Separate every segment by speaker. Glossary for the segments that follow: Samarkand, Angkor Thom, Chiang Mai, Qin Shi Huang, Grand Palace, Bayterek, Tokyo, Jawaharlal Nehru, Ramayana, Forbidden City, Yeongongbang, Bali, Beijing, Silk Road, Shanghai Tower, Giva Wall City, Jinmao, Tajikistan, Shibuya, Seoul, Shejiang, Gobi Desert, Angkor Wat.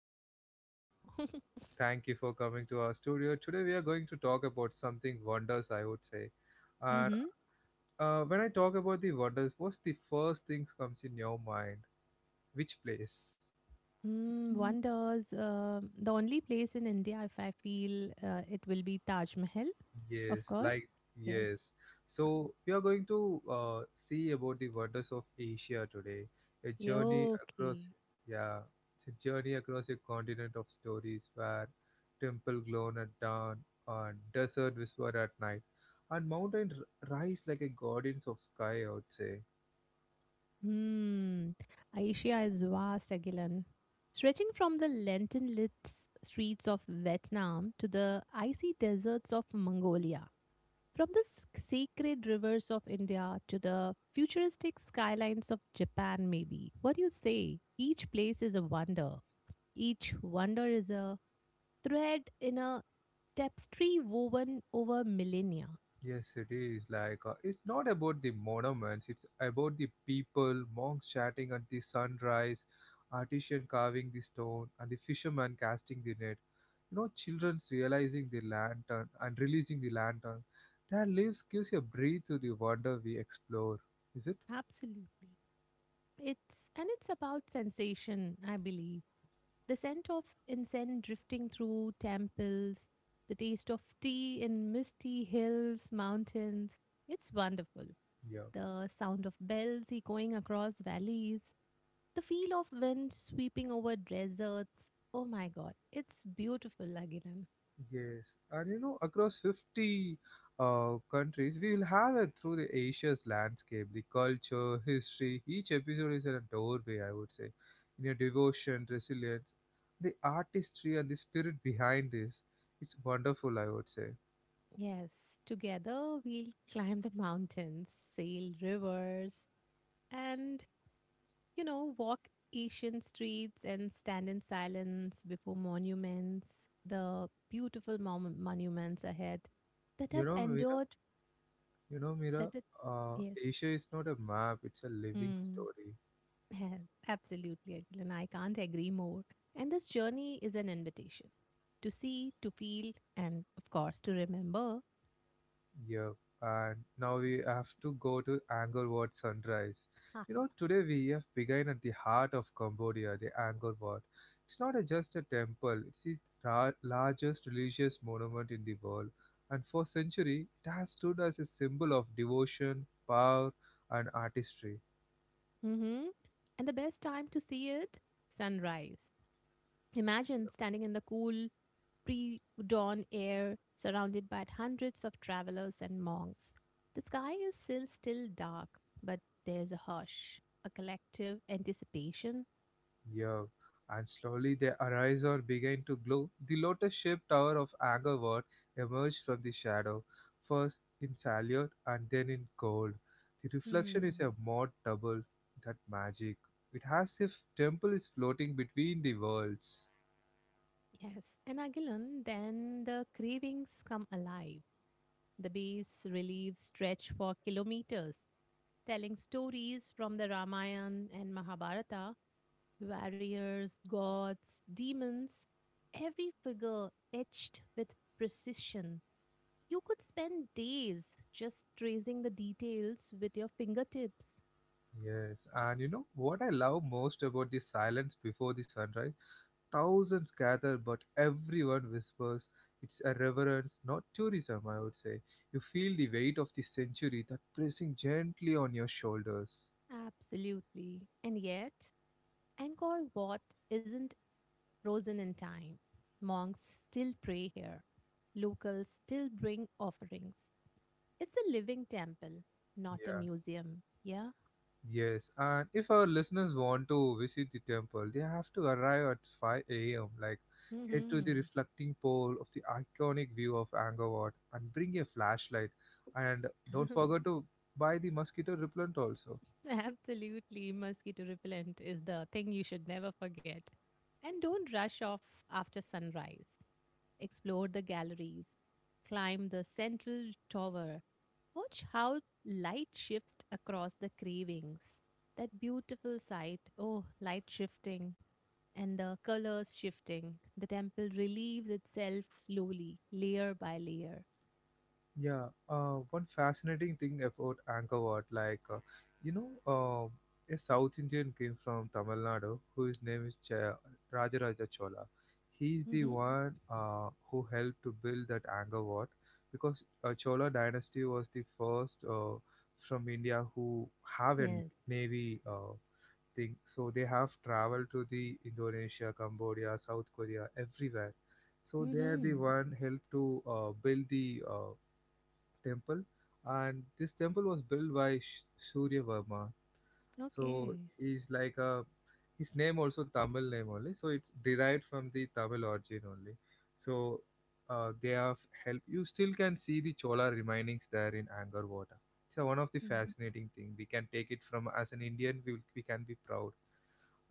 Speaker 1: Thank you for
Speaker 2: amazing show.
Speaker 1: Thank you for coming to our studio. Today we are going to talk about something wonders I would say. And
Speaker 2: Mm-hmm.
Speaker 1: when I talk about the wonders, what's the first things comes in your mind? Which place?
Speaker 2: Wonders. The only place in India, if I feel it will be Taj Mahal, of
Speaker 1: Yes,
Speaker 2: course.
Speaker 1: like
Speaker 2: Yes.
Speaker 1: yes. So we are going to see about the wonders of Asia today. A mhm
Speaker 2: Yeah,
Speaker 1: journey
Speaker 2: okay.
Speaker 1: across, yeah, it's a journey across a continent of stories where temple glow at dawn and desert whisper at night, and rise like a guardians of sky, I would say.
Speaker 2: Hmm. Asia is vast, Agilan, stretching from the lantern lit streets of Vietnam to the icy deserts of Mongolia. From the sacred rivers of India to the futuristic skylines of Japan, maybe. What do you say? Each place is a wonder. Each wonder is a thread in a tapestry woven over millennia.
Speaker 1: Yes, it is. Like, it's not about the monuments, it's about the people, monks chatting at the sunrise, artisan carving the stone, and the fisherman casting the net. You know, children's realizing the lantern and releasing the lantern. Their lives gives you a breathe to the wonder we explore. Is it?
Speaker 2: Absolutely. It's about sensation, I believe. The scent of incense drifting through temples, the taste of tea in misty hills, mountains. It's wonderful.
Speaker 1: Yeah.
Speaker 2: The sound of bells echoing across valleys, the feel of wind sweeping over deserts. Oh my god, it's beautiful, Agilan.
Speaker 1: Yes, and you know, across 50 countries, we will have it through the Asia's landscape, the culture, history. Each episode is a doorway, I would say, in your devotion, resilience, the artistry, and the spirit behind this. It's wonderful, I would say.
Speaker 2: Yes, together we'll climb the mountains, sail rivers, and you know, walk Asian streets and stand in silence before monuments, the beautiful monuments ahead that
Speaker 1: You
Speaker 2: have
Speaker 1: know, Mira,
Speaker 2: endured,
Speaker 1: you know,
Speaker 2: that
Speaker 1: Mira,
Speaker 2: it,
Speaker 1: uh,
Speaker 2: yes,
Speaker 1: Asia is not a map, it's a living
Speaker 2: mm,
Speaker 1: story.
Speaker 2: absolutely, Akhil, and I can't agree more. And this journey is an invitation to see, to feel, and of course, to remember.
Speaker 1: Yep. And now we have to go to Angkor Wat sunrise.
Speaker 2: Ah,
Speaker 1: You know, today we have begun at the heart of Cambodia, the Angkor Wat. It's not a, just a temple, it's the largest religious monument in the world. And for centuries, it has stood as a symbol of devotion, power, and artistry.
Speaker 2: mm-hmm. And the best time to see it, sunrise. Imagine standing in the cool pre dawn air surrounded by hundreds of travelers and monks. The sky is still dark, but there's a hush, a collective anticipation.
Speaker 1: Yeah, and slowly they arise or begin to glow. The lotus-shaped tower of Angkor Wat emerged from the shadow, first in salient and then in gold. The reflection is
Speaker 2: Hmm,
Speaker 1: a mod double that magic. It has if temple is floating between the worlds.
Speaker 2: yes. And Agilan, then the cravings come alive. The base reliefs stretch for kilometers, telling stories from the Ramayana and Mahabharata. Warriors, gods, demons, every figure etched with precision. You could spend days just tracing the details with your fingertips.
Speaker 1: Yes, and you know what I love most about the silence before the sunrise? Thousands gather, but everyone whispers. It's a reverence, not tourism, I would say. You feel the weight of the century that pressing gently on your shoulders.
Speaker 2: Absolutely. And yet, Angkor Wat isn't frozen in time. Monks still pray here. Locals still bring offerings. It's a living temple, not a
Speaker 1: Yeah.
Speaker 2: museum. Yeah?
Speaker 1: Yes, and if our listeners want to visit the temple, they have to arrive at 5 a.m. Like, head to the
Speaker 2: Hmm.
Speaker 1: reflecting pole of the iconic view of Angkor Wat and bring a flashlight. And don't forget to buy the mosquito repellent also.
Speaker 2: Absolutely, mosquito repellent is the thing you should never forget. And don't rush off after sunrise. Explore the galleries, climb the central tower, watch how light shifts across the cravings. That beautiful sight, oh, light shifting and the colors shifting. The temple relieves itself slowly, layer by layer.
Speaker 1: Yeah, one fascinating thing about Angkor Wat, like, you know, a South Indian came from Tamil Nadu whose name is Rajaraja Chola. He's the
Speaker 2: Mm-hmm.
Speaker 1: one who helped to build that Angkor Wat because Chola dynasty was the first from India who have a
Speaker 2: Yes.
Speaker 1: navy thing. So they have traveled to the Indonesia, Cambodia, South Korea, everywhere. So they are the
Speaker 2: Mm-hmm.
Speaker 1: one helped to build the temple, and this temple was built by Surya Verma. So
Speaker 2: Okay.
Speaker 1: he's like a his name also Tamil name only, so it's derived from the Tamil origin only. So they have help. You still can see the Chola remainings there in Angkor Wat. It's a one of the fascinating thing. We can take it from as an Indian, we can be proud.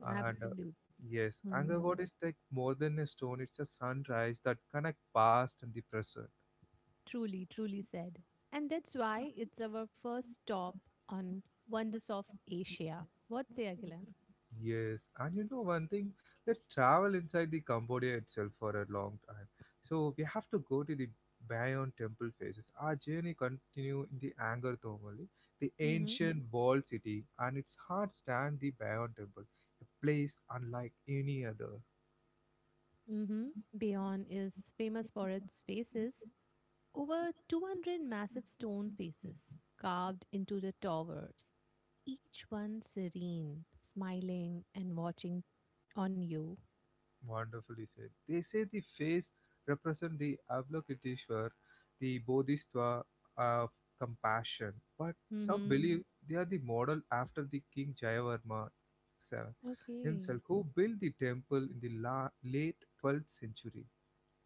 Speaker 2: Mm.
Speaker 1: And
Speaker 2: Absolute.
Speaker 1: yes, Angkor
Speaker 2: Hmm.
Speaker 1: Wat is like more than a stone. It's a sunrise that connect past and the present.
Speaker 2: Truly, truly said. And that's why it's our first stop on Wonders of Asia. What say, Agilan?
Speaker 1: Yes, and you know one thing, let's travel inside the Cambodia itself for a long time. So we have to go to the Bayon temple phases. Our journey continue in the Angkor Thom only, the
Speaker 2: Mm-hmm.
Speaker 1: ancient walled city, and its heart stand the Bayon temple, a place unlike any other.
Speaker 2: Mm-hmm. Beyond is famous for its faces, over 200 massive stone faces carved into the towers, each one serene, smiling and watching on you.
Speaker 1: Wonderfully said. They say the face represents the Avalokiteshvara, the Bodhisattva of compassion, but some
Speaker 2: Mm-hmm.
Speaker 1: believe they are the model after the King Jayavarma se-
Speaker 2: Okay.
Speaker 1: himself, who built the temple in the late 12th century.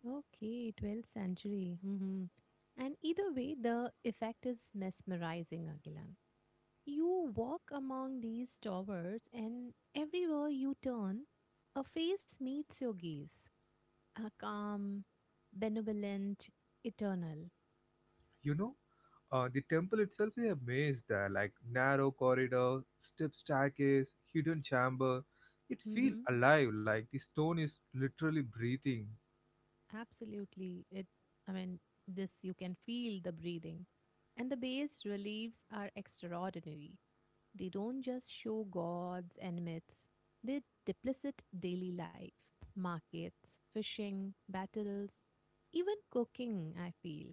Speaker 2: Okay, 12th century. Mm-hmm. And either way, the effect is mesmerizing, Agilan. You walk among these towers, and everywhere you turn, a face meets your gaze. A calm, benevolent, eternal.
Speaker 1: You know, the temple itself is a maze there, like narrow corridor, steep staircase, hidden chamber. It feels
Speaker 2: Hmm.
Speaker 1: alive, like the stone is literally breathing.
Speaker 2: Absolutely. It. I mean, this you can feel the breathing, and the bas reliefs are extraordinary. They don't just show gods and myths; they deplicate daily life, markets, fishing, battles, even cooking. I feel.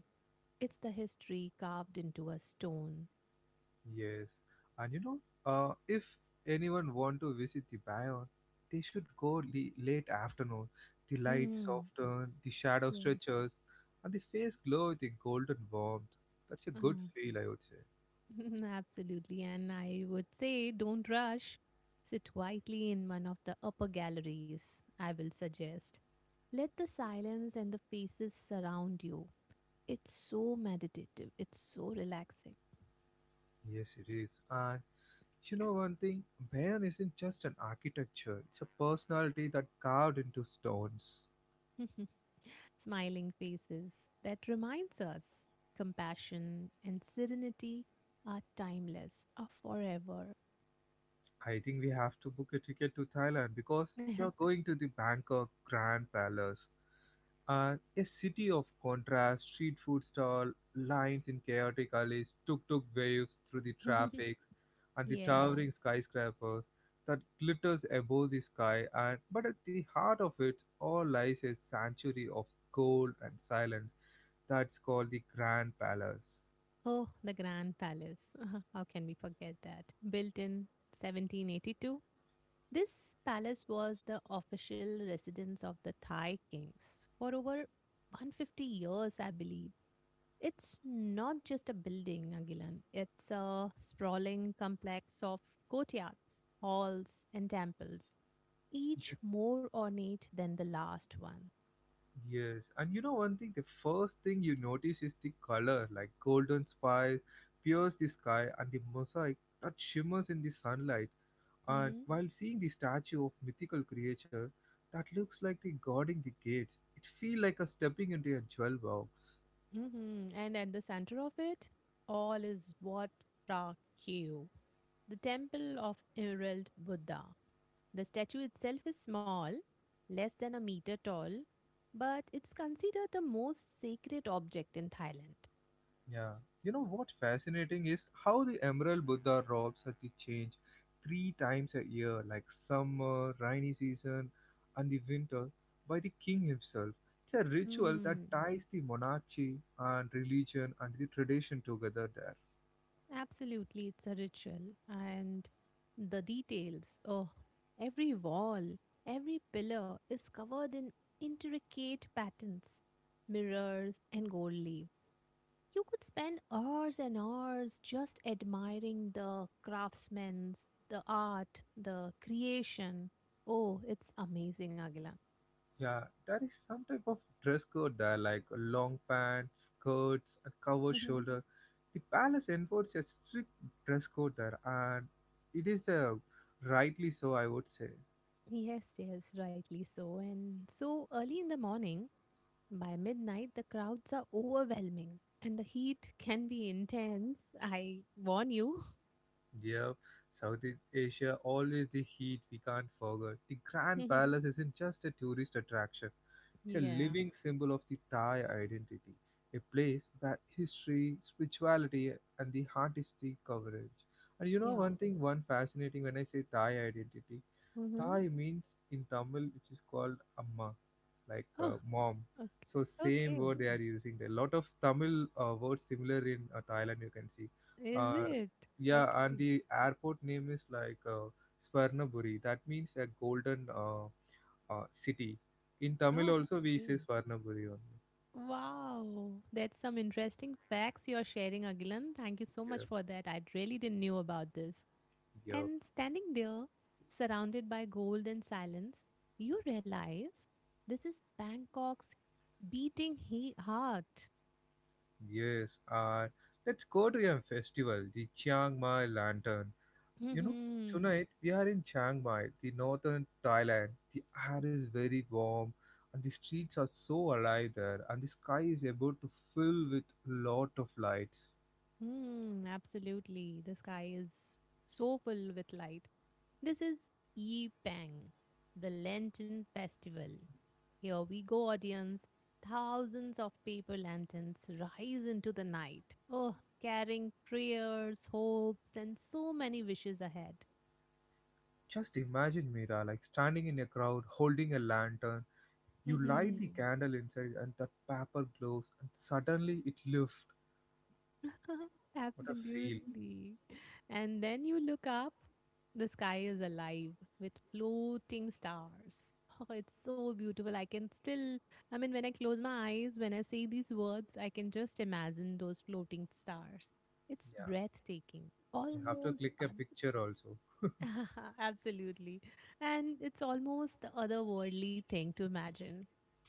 Speaker 2: It's the history carved into a stone.
Speaker 1: Yes, and you know, if anyone want to visit the Bayon, they should go late afternoon. The light
Speaker 2: Hmm.
Speaker 1: soften, the shadow
Speaker 2: Yes.
Speaker 1: stretches, and the face glow with a golden warmth. That's a good
Speaker 2: Uh-huh.
Speaker 1: feel, I would say.
Speaker 2: Absolutely. And I would say don't rush. Sit quietly in one of the upper galleries, I will suggest. Let the silence and the faces surround you. It's so meditative, it's so relaxing.
Speaker 1: Yes, it is. And you know one thing, Bayon isn't just an architecture; it's a personality that carved into stones.
Speaker 2: Smiling faces that reminds us compassion and serenity are timeless, are forever.
Speaker 1: I think we have to book a ticket to Thailand because you're going to the Bangkok Grand Palace, a city of contrast, street food stall, lines in chaotic alleys, tuk-tuk waves through the traffic, and the
Speaker 2: Yeah.
Speaker 1: towering skyscrapers that glitters above the sky. And but at the heart of it all lies a sanctuary of gold and silence that's called the Grand Palace.
Speaker 2: Oh, the Grand Palace. How can we forget that? Built in 1782, this palace was the official residence of the Thai kings for over 150 years, I believe. It's not just a building, Agilan. It's a sprawling complex of courtyards, halls, and temples, each more ornate than the last one.
Speaker 1: Yes, and you know one thing, the first thing you notice is the color, like golden spires pierce the sky and the mosaic that shimmers in the sunlight. And
Speaker 2: Hmm.
Speaker 1: while seeing the statue of mythical creature that looks like the guarding the gates, it feels like a stepping into a jewel box.
Speaker 2: Hmm. And at the center of it, all is what? Pra. The temple of Emerald Buddha. The statue itself is small, less than a meter tall, but it's considered the most sacred object in Thailand.
Speaker 1: Yeah. You know what fascinating is how the Emerald Buddha robes at the change three times a year, like summer, rainy season, and the winter, by the king himself. It's a ritual that
Speaker 2: Hmm,
Speaker 1: ties the monarchy and religion and the tradition together there.
Speaker 2: absolutely, it's a ritual. And the details, oh, every wall, every pillar is covered in intricate patterns, mirrors, and gold leaves. You could spend hours and hours just admiring the craftsmen, the art, the creation. Oh, it's amazing, Agila.
Speaker 1: Yeah, there is some type of dress code there, like a long pants, skirts, and covered
Speaker 2: Mhm.
Speaker 1: shoulder. The palace enforces a strict dress code there, and it is a rightly so, I would say.
Speaker 2: Yes, yes, rightly so. And so early in the morning, by midnight, the crowds are overwhelming and the heat can be intense. I warn you.
Speaker 1: Yep, Southeast Asia always the heat we can't forget. The Grand Palace isn't just a tourist attraction, it's a
Speaker 2: yeah,
Speaker 1: living symbol of the Thai identity, a place where history, spirituality, and the artistic coverage. And you know
Speaker 2: yeah.
Speaker 1: one thing, one fascinating when I say Thai identity,
Speaker 2: Mm-hmm.
Speaker 1: Thai means in Tamil, which is called Amma, like
Speaker 2: Oh,
Speaker 1: mom.
Speaker 2: okay.
Speaker 1: So same
Speaker 2: Okay.
Speaker 1: word they are using. A lot of Tamil words similar in Thailand. You can see,
Speaker 2: Is
Speaker 1: uh,
Speaker 2: it?
Speaker 1: yeah, and
Speaker 2: Okay.
Speaker 1: the airport name is like Swarnaburi. That means a golden city. In Tamil also we say
Speaker 2: Okay.
Speaker 1: Swarnaburi only.
Speaker 2: Wow, that's some interesting facts you're sharing, Agilan. Thank you so much for that. I really didn't knew about this.
Speaker 1: Yeah,
Speaker 2: And standing there, surrounded by gold and silence, you realize this is Bangkok's beating heart.
Speaker 1: yeah, yes. Let's go to a festival, the Chiang Mai Lantern. You know, tonight we are in Chiang Mai, the northern Thailand. The air is very warm and the streets are so alive there and the sky is about to fill with lot of lights.
Speaker 2: Hmm. Absolutely. The sky is so full with light. This is Yipeng, the Lantern Festival. Here we go, audience. Thousands of paper lanterns rise into the night. Oh, carrying prayers, hopes, and so many wishes ahead.
Speaker 1: Just imagine Mira like standing in a crowd holding a lantern. You light the candle inside and that paper glows and suddenly it lifts. What a feel.
Speaker 2: Absolutely. And then you look up, the sky is alive with floating stars. Oh, it's so beautiful. I mean, when I close my eyes, when I say these words, I can just imagine those floating stars. It's
Speaker 1: Yeah.
Speaker 2: breathtaking.
Speaker 1: You have to
Speaker 2: Almost,
Speaker 1: click a
Speaker 2: oth-
Speaker 1: picture also.
Speaker 2: absolutely. And it's almost the otherworldly thing to imagine,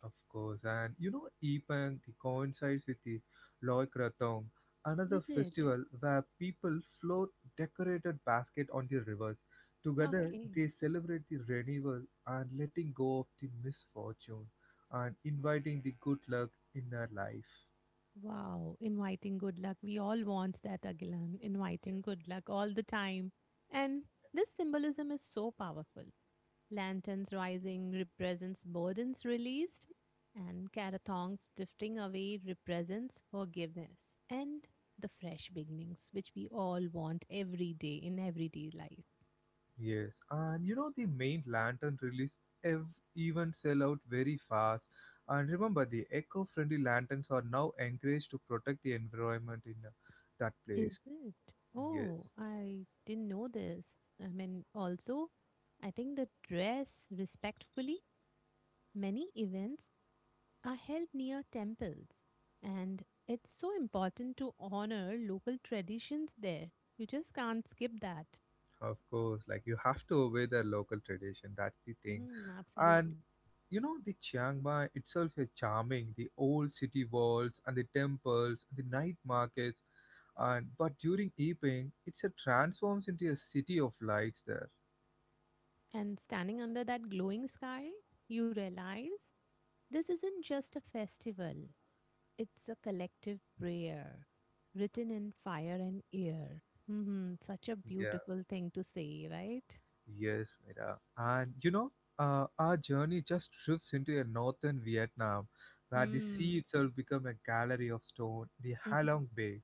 Speaker 1: Of course, and you know, Epang it coincides with the Loy Krathong, another
Speaker 2: is it?
Speaker 1: festival where people float decorated basket on the rivers. Together,
Speaker 2: Okay.
Speaker 1: they celebrate the renewal and letting go of the misfortune and inviting the good luck in their life.
Speaker 2: Wow, inviting good luck. We all want that, Agilan. Inviting good luck all the time. And this symbolism is so powerful. Lanterns rising represents burdens released, and carathongs drifting away represents forgiveness and the fresh beginnings, which we all want every day in everyday life.
Speaker 1: Yes, and you know, the main lantern release ev- even sell out very fast. And remember, the eco-friendly lanterns are now encouraged to protect the environment in that place.
Speaker 2: Is it?
Speaker 1: Yes.
Speaker 2: Oh, I didn't know this. I mean, also, I think the dress, respectfully, many events are held near temples, and it's so important to honor local traditions there. You just can't skip that.
Speaker 1: Of course, like you have to obey their local tradition. That's the thing. And
Speaker 2: Absolutely.
Speaker 1: you know, the Chiang Mai itself is charming. The old city walls and the temples, the night markets, and but during evening, it's a transforms into a city of lights there.
Speaker 2: And standing under that glowing sky, you realize this isn't just a festival, it's a collective prayer written in fire and air. Such a
Speaker 1: Yeah.
Speaker 2: beautiful thing to say, right?
Speaker 1: Yes, Mira. And you know, our journey just drifts into a northern Vietnam, where the sea
Speaker 2: Hmm.
Speaker 1: itself become a gallery of stone. The Halong Bay,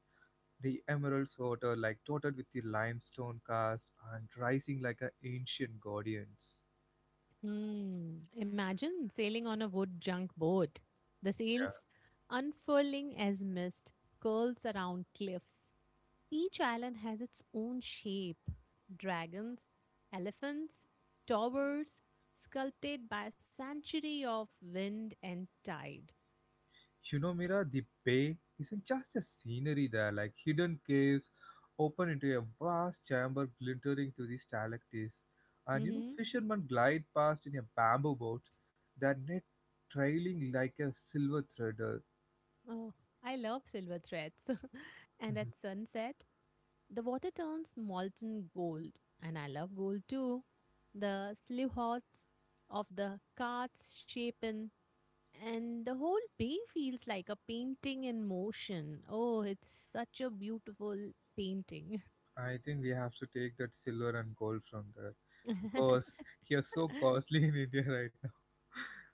Speaker 1: the emerald water like dotted with the limestone cast and rising like an ancient guardians.
Speaker 2: Hmm. Imagine sailing on a wood junk boat. The
Speaker 1: Yeah.
Speaker 2: sails unfurling as mist curls around cliffs. Each island has its own shape, dragons, elephants, towers, sculpted by a century of wind and tide.
Speaker 1: You know, Mira, the bay isn't just a scenery there, like hidden caves open into a vast chamber glittering to the stalactites. And you know,
Speaker 2: hmm
Speaker 1: fishermen glide past in a bamboo boat, their net trailing like a silver threader.
Speaker 2: Oh, I love silver threads. And
Speaker 1: Mhm.
Speaker 2: at sunset, the water turns molten gold, and I love gold too. The silhouettes of the carts shapen, and the whole bay feels like a painting in motion. Oh, it's such a beautiful painting.
Speaker 1: I think we have to take that silver and gold from there because he is so costly in India right now.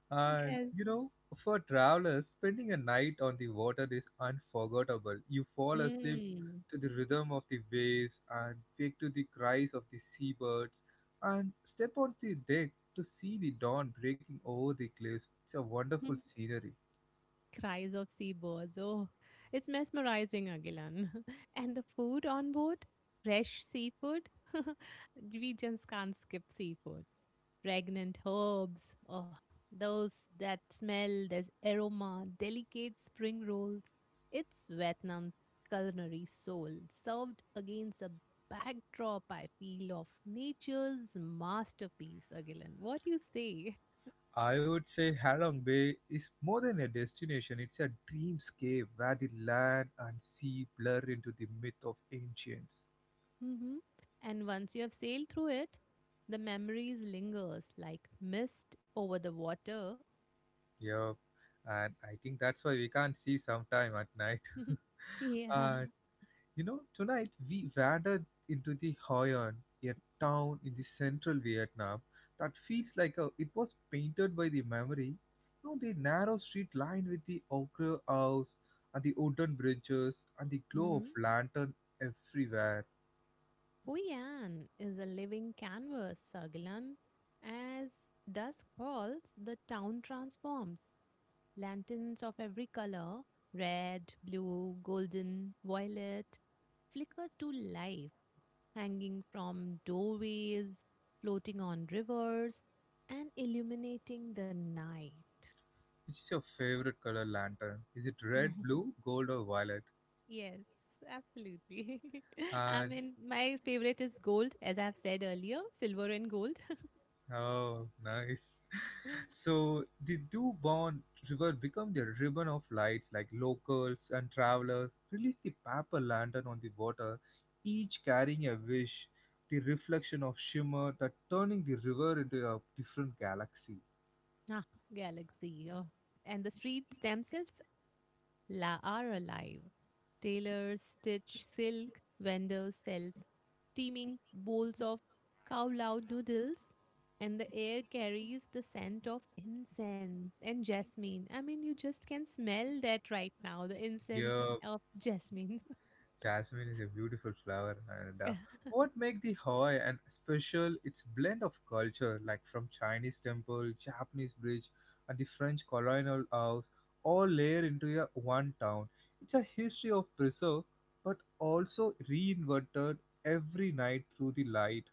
Speaker 1: And
Speaker 2: Yes.
Speaker 1: you know, for travelers, spending a night on the water is unforgettable. You fall asleep
Speaker 2: Mm.
Speaker 1: to the rhythm of the waves and wake to the cries of the seabirds and step on the deck to see the dawn breaking over the cliffs. It's a wonderful scenery.
Speaker 2: Cries of seabirds. Oh, it's mesmerizing, Agilan. And the food on board, fresh seafood. We just can't skip seafood. Fragrant herbs. Oh, those, that smell, there's aroma, delicate spring rolls. It's Vietnam's culinary soul, served against a backdrop, I feel, of nature's masterpiece, Agilan. What you say?
Speaker 1: I would say Halong Bay is more than a destination, it's a dreamscape where the land and sea blur into the myth of ancients.
Speaker 2: hmm And once you have sailed through it, the memories lingers like mist over the water.
Speaker 1: Yep, and I think that's why we can't see sometime at night.
Speaker 2: Yeah.
Speaker 1: And you know, tonight we wandered into the Hoi An, a town in the central Vietnam that feels like a, it was painted by the memory. You know, the narrow street lined with the ochre house and the wooden bridges and the glow of lantern everywhere.
Speaker 2: Huyan is a living canvas, Sagilan. As dusk falls, the town transforms. Lanterns of every color, red, blue, golden, violet, flicker to life, hanging from doorways, floating on rivers, and illuminating the night.
Speaker 1: Which is your favorite color lantern? Is it red, blue, gold, or violet?
Speaker 2: Yes, absolutely. I
Speaker 1: And
Speaker 2: mean, my favorite is gold, as I've said earlier, silver and gold.
Speaker 1: oh, nice. So the Dubon River become the ribbon of lights like locals and travelers release the paper lantern on the water, each carrying a wish, the reflection of shimmer that turning the river into a different galaxy.
Speaker 2: Ah, galaxy. Oh. And the streets themselves, la are alive. Tailors stitch silk, vendors sell steaming bowls of kowlow noodles, and the air carries the scent of incense and jasmine. I mean, you just can smell that right now, the incense
Speaker 1: Yeah,
Speaker 2: of jasmine.
Speaker 1: Jasmine is a beautiful flower, and what make the Hoi and special? It's blend of culture, like from Chinese temple, Japanese bridge, and the French colonial house, all layer into a one town. It's a history of preserve, but also reinvented every night through the light.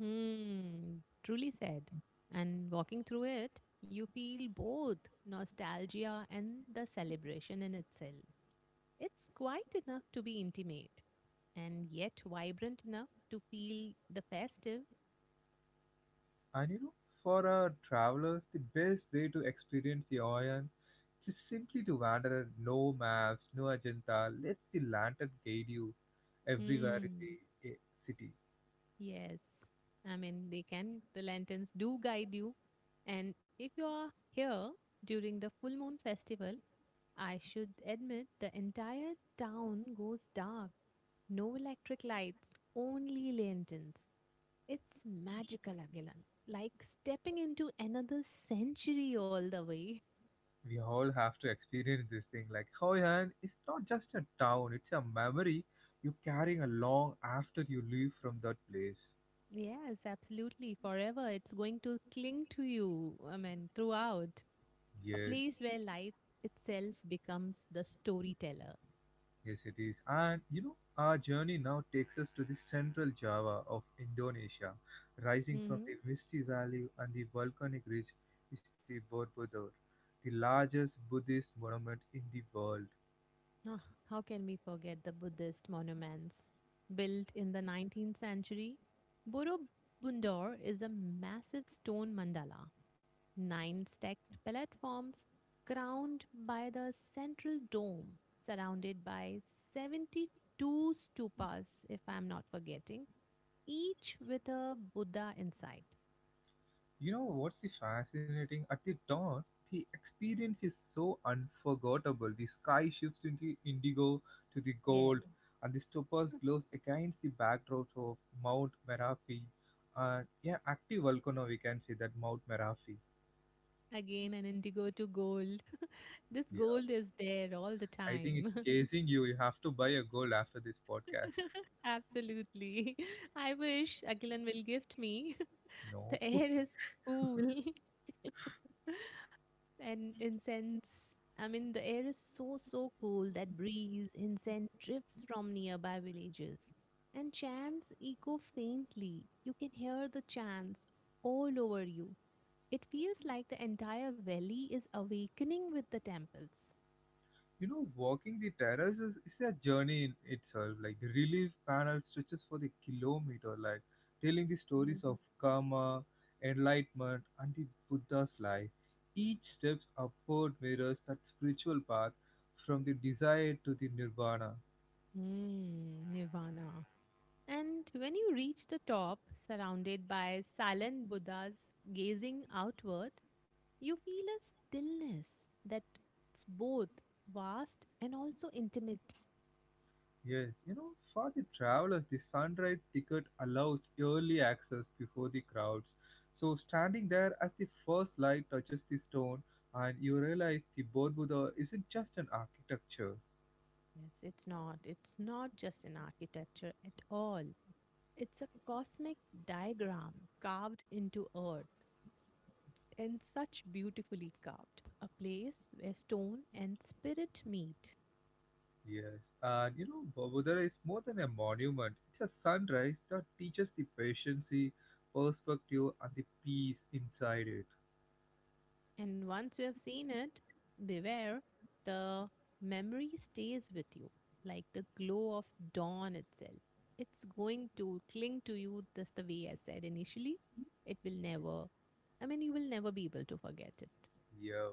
Speaker 2: Hmm, truly said. And walking through it, you feel both nostalgia and the celebration in itself. It's quiet enough to be intimate and yet vibrant enough to feel the festive.
Speaker 1: And you know, for our travelers, the best way to experience the Hoi just simply to wander, no maps, no agenda, lets the lantern guide you everywhere in
Speaker 2: Hmm.
Speaker 1: the city.
Speaker 2: Yes. I mean, the lanterns do guide you. And if you are here during the full moon festival, I should admit the entire town goes dark. No electric lights, only lanterns. It's magical, Agilan. Like stepping into another century all the way.
Speaker 1: We all have to experience this thing. Like Hoi An, it's not just a town, it's a memory you're carrying along after you leave from that place.
Speaker 2: Yes, absolutely. Forever. It's going to cling to you, I mean, throughout. A
Speaker 1: Yes.
Speaker 2: place where life itself becomes the storyteller.
Speaker 1: Yes, it is. And you know, our journey now takes us to the central Java of Indonesia. Rising from the
Speaker 2: hmm
Speaker 1: misty valley and the volcanic ridge is the Borobudur, the largest Buddhist monument in the world.
Speaker 2: how can we forget the Buddhist monuments built in the 19th century? Borobudur is a massive stone mandala, nine stacked platforms crowned by the central dome, surrounded by 72 stupas, if I'm not forgetting, each with a Buddha inside.
Speaker 1: You know what's the fascinating? At the dawn, the experience is so unforgettable. The sky shifts into indigo to the
Speaker 2: Yes,
Speaker 1: gold, and the stupas glows against the backdrop of Mount Merapi. Yeah, active volcano, we can say that Mount Merapi.
Speaker 2: again an indigo to gold. This
Speaker 1: Yeah,
Speaker 2: gold is there all the
Speaker 1: I think it's
Speaker 2: time.
Speaker 1: chasing you. You have to buy a gold after this podcast.
Speaker 2: Absolutely. I wish Akilan will gift me.
Speaker 1: No.
Speaker 2: The air is cool. And incense. I mean, the air is so, so cool, that breeze, incense drifts from nearby villages. And chants echo faintly. You can hear the chants all over you. It feels like the entire valley is awakening with the temples.
Speaker 1: You know, walking the terrace is a journey in itself. Like the relief panel stretches for the kilometer, like telling the
Speaker 2: Mhm.
Speaker 1: stories of karma, enlightenment, and the Buddha's life. Each step upward mirrors that spiritual path from the desire to the nirvana.
Speaker 2: Nirvana. And when you reach the top, surrounded by silent Buddhas gazing outward, you feel a stillness that's both vast and also intimate.
Speaker 1: Yes, you know, for the travelers, the sunrise ticket allows early access before the crowds. So, standing there as the first light touches the stone, and you realize the Bodh Buddha isn't just an architecture.
Speaker 2: Yes, it's not. It's not just an architecture at all. It's a cosmic diagram carved into earth. And such beautifully carved. A place where stone and spirit meet.
Speaker 1: Yes, and you know, Bodh Buddha is more than a monument, it's a sunrise that teaches the patience, perspective, and the peace inside it.
Speaker 2: And once you have seen it, beware, the memory stays with you like the glow of dawn itself. It's going to cling to you just the way I said initially. It will never, I mean, you will never be able to forget it.
Speaker 1: Yeah,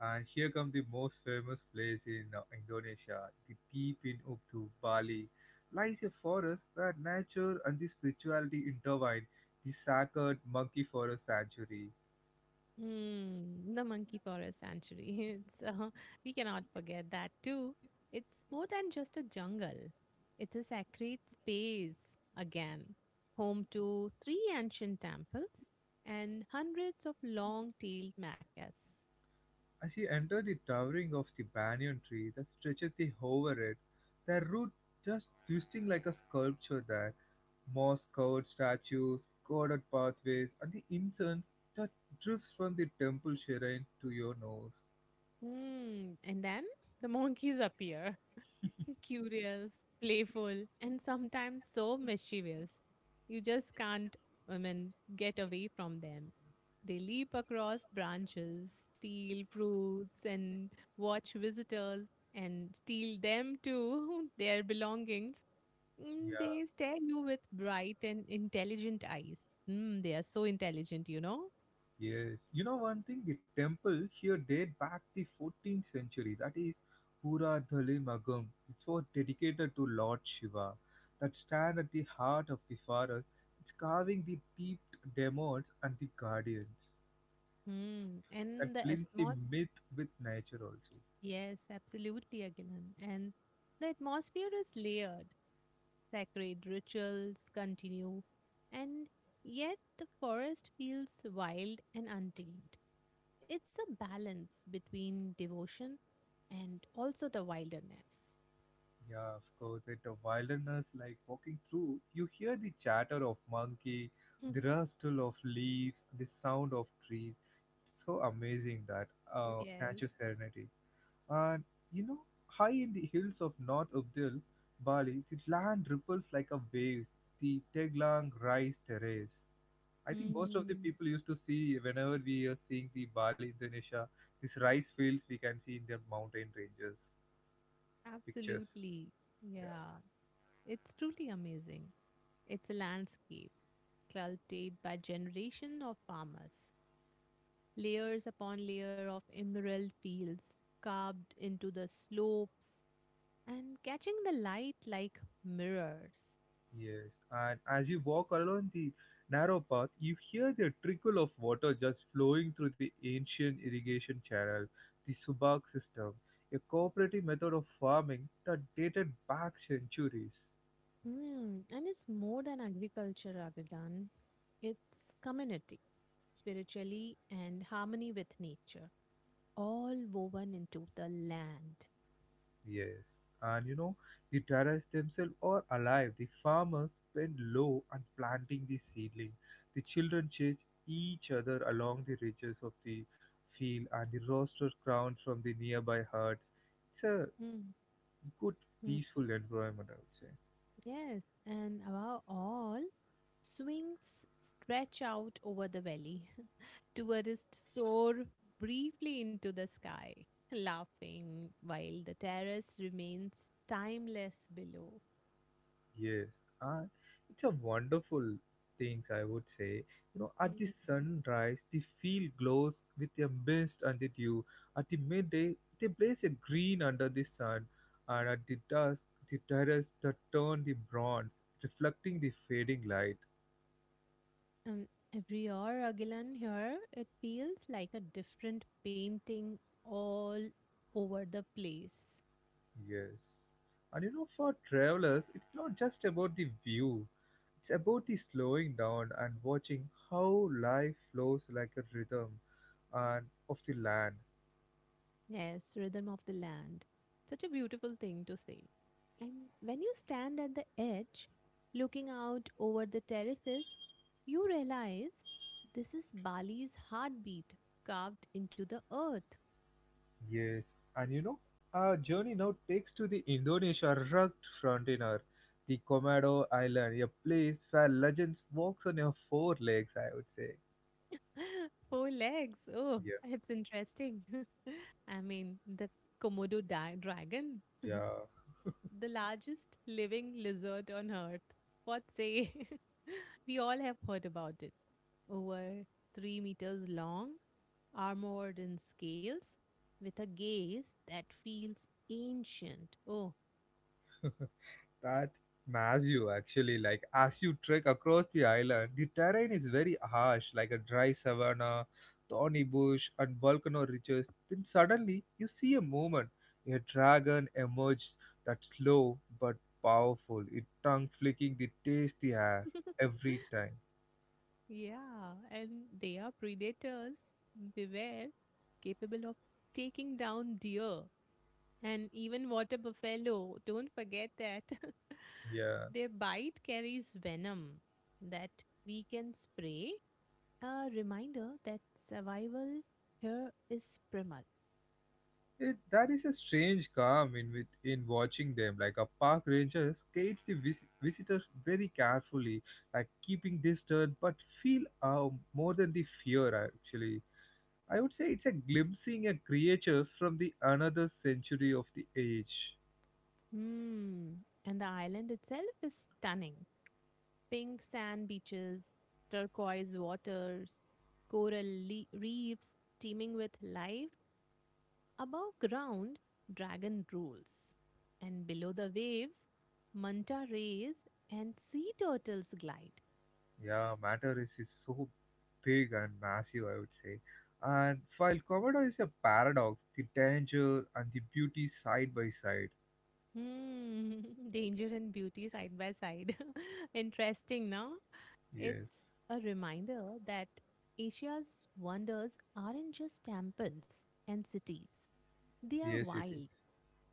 Speaker 1: and here come the most famous place in Indonesia, the deep in Ubud, Bali, lies a forest where nature and the spirituality intertwine, the sacred monkey forest sanctuary.
Speaker 2: The monkey forest sanctuary. It's We cannot forget that too. It's more than just a jungle. It's a sacred space again, home to three ancient temples and hundreds of long-tailed macaques.
Speaker 1: As you enter the towering of the banyan tree that stretches the over it, their root just twisting like a sculpture there, moss-covered statues, corded pathways, and the incense that drifts from the temple shrine to your nose.
Speaker 2: And then the monkeys appear. Curious, playful, and sometimes so mischievous. You just can't, I mean, get away from them. They leap across branches, steal fruits, and watch visitors and steal them too, their belongings. They
Speaker 1: Yeah.
Speaker 2: stare you with bright and intelligent eyes. They are so intelligent, you know?
Speaker 1: Yes, you know one thing, the temple here date back the 14th century. That is Pura Dhale Magam. It was dedicated to Lord Shiva. That stand at the heart of the forest. It's carving the deep demons and the guardians.
Speaker 2: Mm. And
Speaker 1: That
Speaker 2: the
Speaker 1: blends the
Speaker 2: small
Speaker 1: myth with nature also.
Speaker 2: yes, absolutely, Agilan. And the atmosphere is layered. Sacred rituals continue, and yet the forest feels wild and untamed. It's a balance between devotion and also the wilderness.
Speaker 1: Yeah, of course. At the wilderness, like walking through, you hear the chatter of monkey,
Speaker 2: Hmm.
Speaker 1: the rustle of leaves, the sound of trees. It's so amazing that
Speaker 2: Yes.
Speaker 1: nature serenity. And you know, high in the hills of North Ubdil, Bali, the land ripples like a wave, the Teglang rice terrace. I think most of the
Speaker 2: Hmm.
Speaker 1: people used to see whenever we are seeing the Bali, Indonesia, these rice fields we can see in their mountain ranges pictures.
Speaker 2: Absolutely.
Speaker 1: Yeah.
Speaker 2: Yeah. It's truly amazing. It's a landscape cultivated by generation of farmers, layers upon layer of emerald fields carved into the slopes and catching the light like mirrors.
Speaker 1: Yes, and as you walk along the narrow path, you hear the trickle of water just flowing through the ancient irrigation channel, the Subak system, a cooperative method of farming that dated back centuries.
Speaker 2: And it's more than agriculture, Raghadan. It's community, spiritually, and harmony with nature, all woven into the land.
Speaker 1: Yes, and you know, the terrace themselves are alive. The farmers bend low and planting the seedling. The children chase each other along the ridges of the field and the roosters crown from the nearby huts. It's a
Speaker 2: Hmm,
Speaker 1: good
Speaker 2: hmm.
Speaker 1: peaceful environment I would say.
Speaker 2: Yes, and above all, swings stretch out over the valley. Tourists soar briefly into the sky, laughing, while the terrace remains timeless below.
Speaker 1: Yes, and it's a wonderful things I would say. You know at the
Speaker 2: Mm.
Speaker 1: sunrise the field glows with a mist and the dew, at the midday they blaze a green under the sun, and at the dusk the terrace that turn the bronze reflecting the fading light.
Speaker 2: Um, every hour, Agilan, here, it feels like a different painting all over the place.
Speaker 1: Yes. And you know, for travelers, it's not just about the view, it's about the slowing down and watching how life flows like a rhythm and of the land.
Speaker 2: Yes, rhythm of the land. Such a beautiful thing to say. And when you stand at the edge, looking out over the terraces, you realize this is Bali's heartbeat carved into the earth.
Speaker 1: Yes. And you know, our journey now takes to the Indonesia rugged frontier, the Komodo Island, a place where legends walks on your four legs, I would say.
Speaker 2: Four legs. Oh, it's interesting. I mean, the Komodo dragon,
Speaker 1: Yeah.
Speaker 2: the largest living lizard on earth. What say? We all have heard about it. Over 3 meters long, armored in scales, with a gaze that feels ancient. Oh,
Speaker 1: Yeah. That's massive, actually. Like, as you trek across the island, the terrain is very harsh, like a dry savanna, thorny bush, and volcano ridges. Then suddenly, you see a movement. A dragon emerges that's slow but powerful, it tongue flicking the tasty air every time.
Speaker 2: yeah, and they are predators, beware, capable of taking down deer and even water buffalo. Don't forget that.
Speaker 1: Yeah.
Speaker 2: Their bite carries venom that we can spray. A reminder that survival here is primal.
Speaker 1: It, that is a strange calm in with in watching them. Like a park ranger gates the visitors very carefully, like keeping distant, but feel more than the fear. Actually, I would say it's a glimpsing a creature from the another century of the age.
Speaker 2: Hmm. And the island itself is stunning. Pink sand beaches, turquoise waters, coral reefs teeming with life. Above ground, dragon rules. And below the waves, manta rays and sea turtles glide.
Speaker 1: Yeah, matter is so big and massive. I would say, and while Komodo is a paradox, the danger and the beauty side by side.
Speaker 2: Hmm, danger and beauty side by side. Interesting, no?
Speaker 1: Yes,
Speaker 2: It's a reminder that Asia's wonders aren't just temples and cities, they are
Speaker 1: yes, it is.
Speaker 2: wild,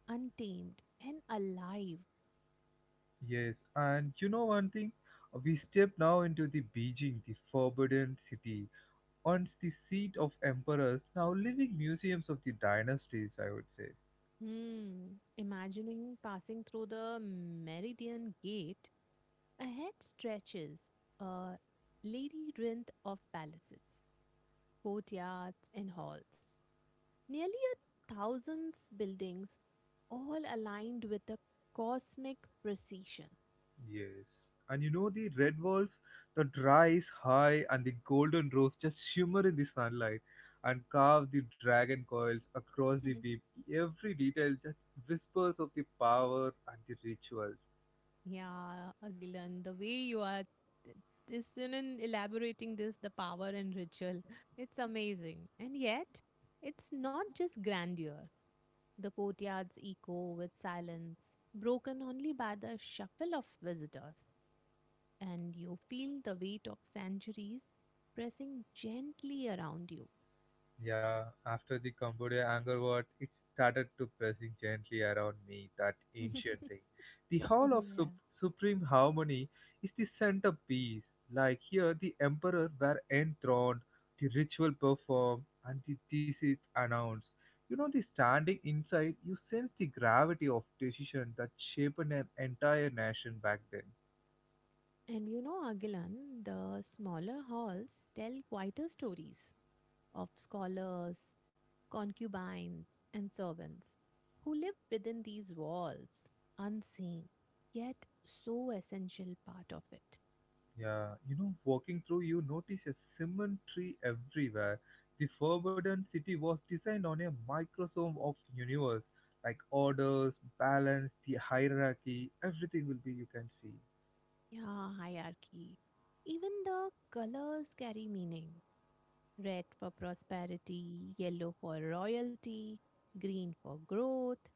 Speaker 2: untamed and alive.
Speaker 1: Yes, and you know one thing? We step now into the Beijing, the forbidden city, once the seat of emperors, now living museums of the dynasties, I would say.
Speaker 2: Hmm. Imagining passing through the Meridian Gate, ahead stretches a labyrinth of palaces, courtyards, and halls. Nearly a thousand buildings, all aligned with a cosmic precision.
Speaker 1: Yes. And you know the red walls that rise high and the golden roofs just shimmer in the sunlight and carve the dragon coils across the beam. Every detail just whispers of the power and the ritual.
Speaker 2: Yeah, Agilan, the way you are th- this and in elaborating this, the power and ritual, it's amazing. And yet, it's not just grandeur. The courtyards echo with silence, broken only by the shuffle of visitors, and you feel the weight of centuries pressing gently around you.
Speaker 1: Yeah, after the Cambodia anger war, it started to pressing gently around me, that ancient thing. The Hall of
Speaker 2: Yeah.
Speaker 1: Supreme Harmony is the centerpiece. Like here, the emperor were enthroned, the ritual performed, and the thesis announced. You know, the standing inside, you sense the gravity of decision that shaped an entire nation back then.
Speaker 2: And you know, Agilan, the smaller halls tell quieter stories of scholars, concubines, and servants who live within these walls, unseen, yet so essential part of it.
Speaker 1: Yeah, you know, walking through, you notice a symmetry everywhere. The Forbidden City was designed on a microsome of universe, like orders, balance, the hierarchy, everything will be you can see.
Speaker 2: Yeah, hierarchy. Even the colors carry meaning, red for prosperity, yellow for royalty, green for growth.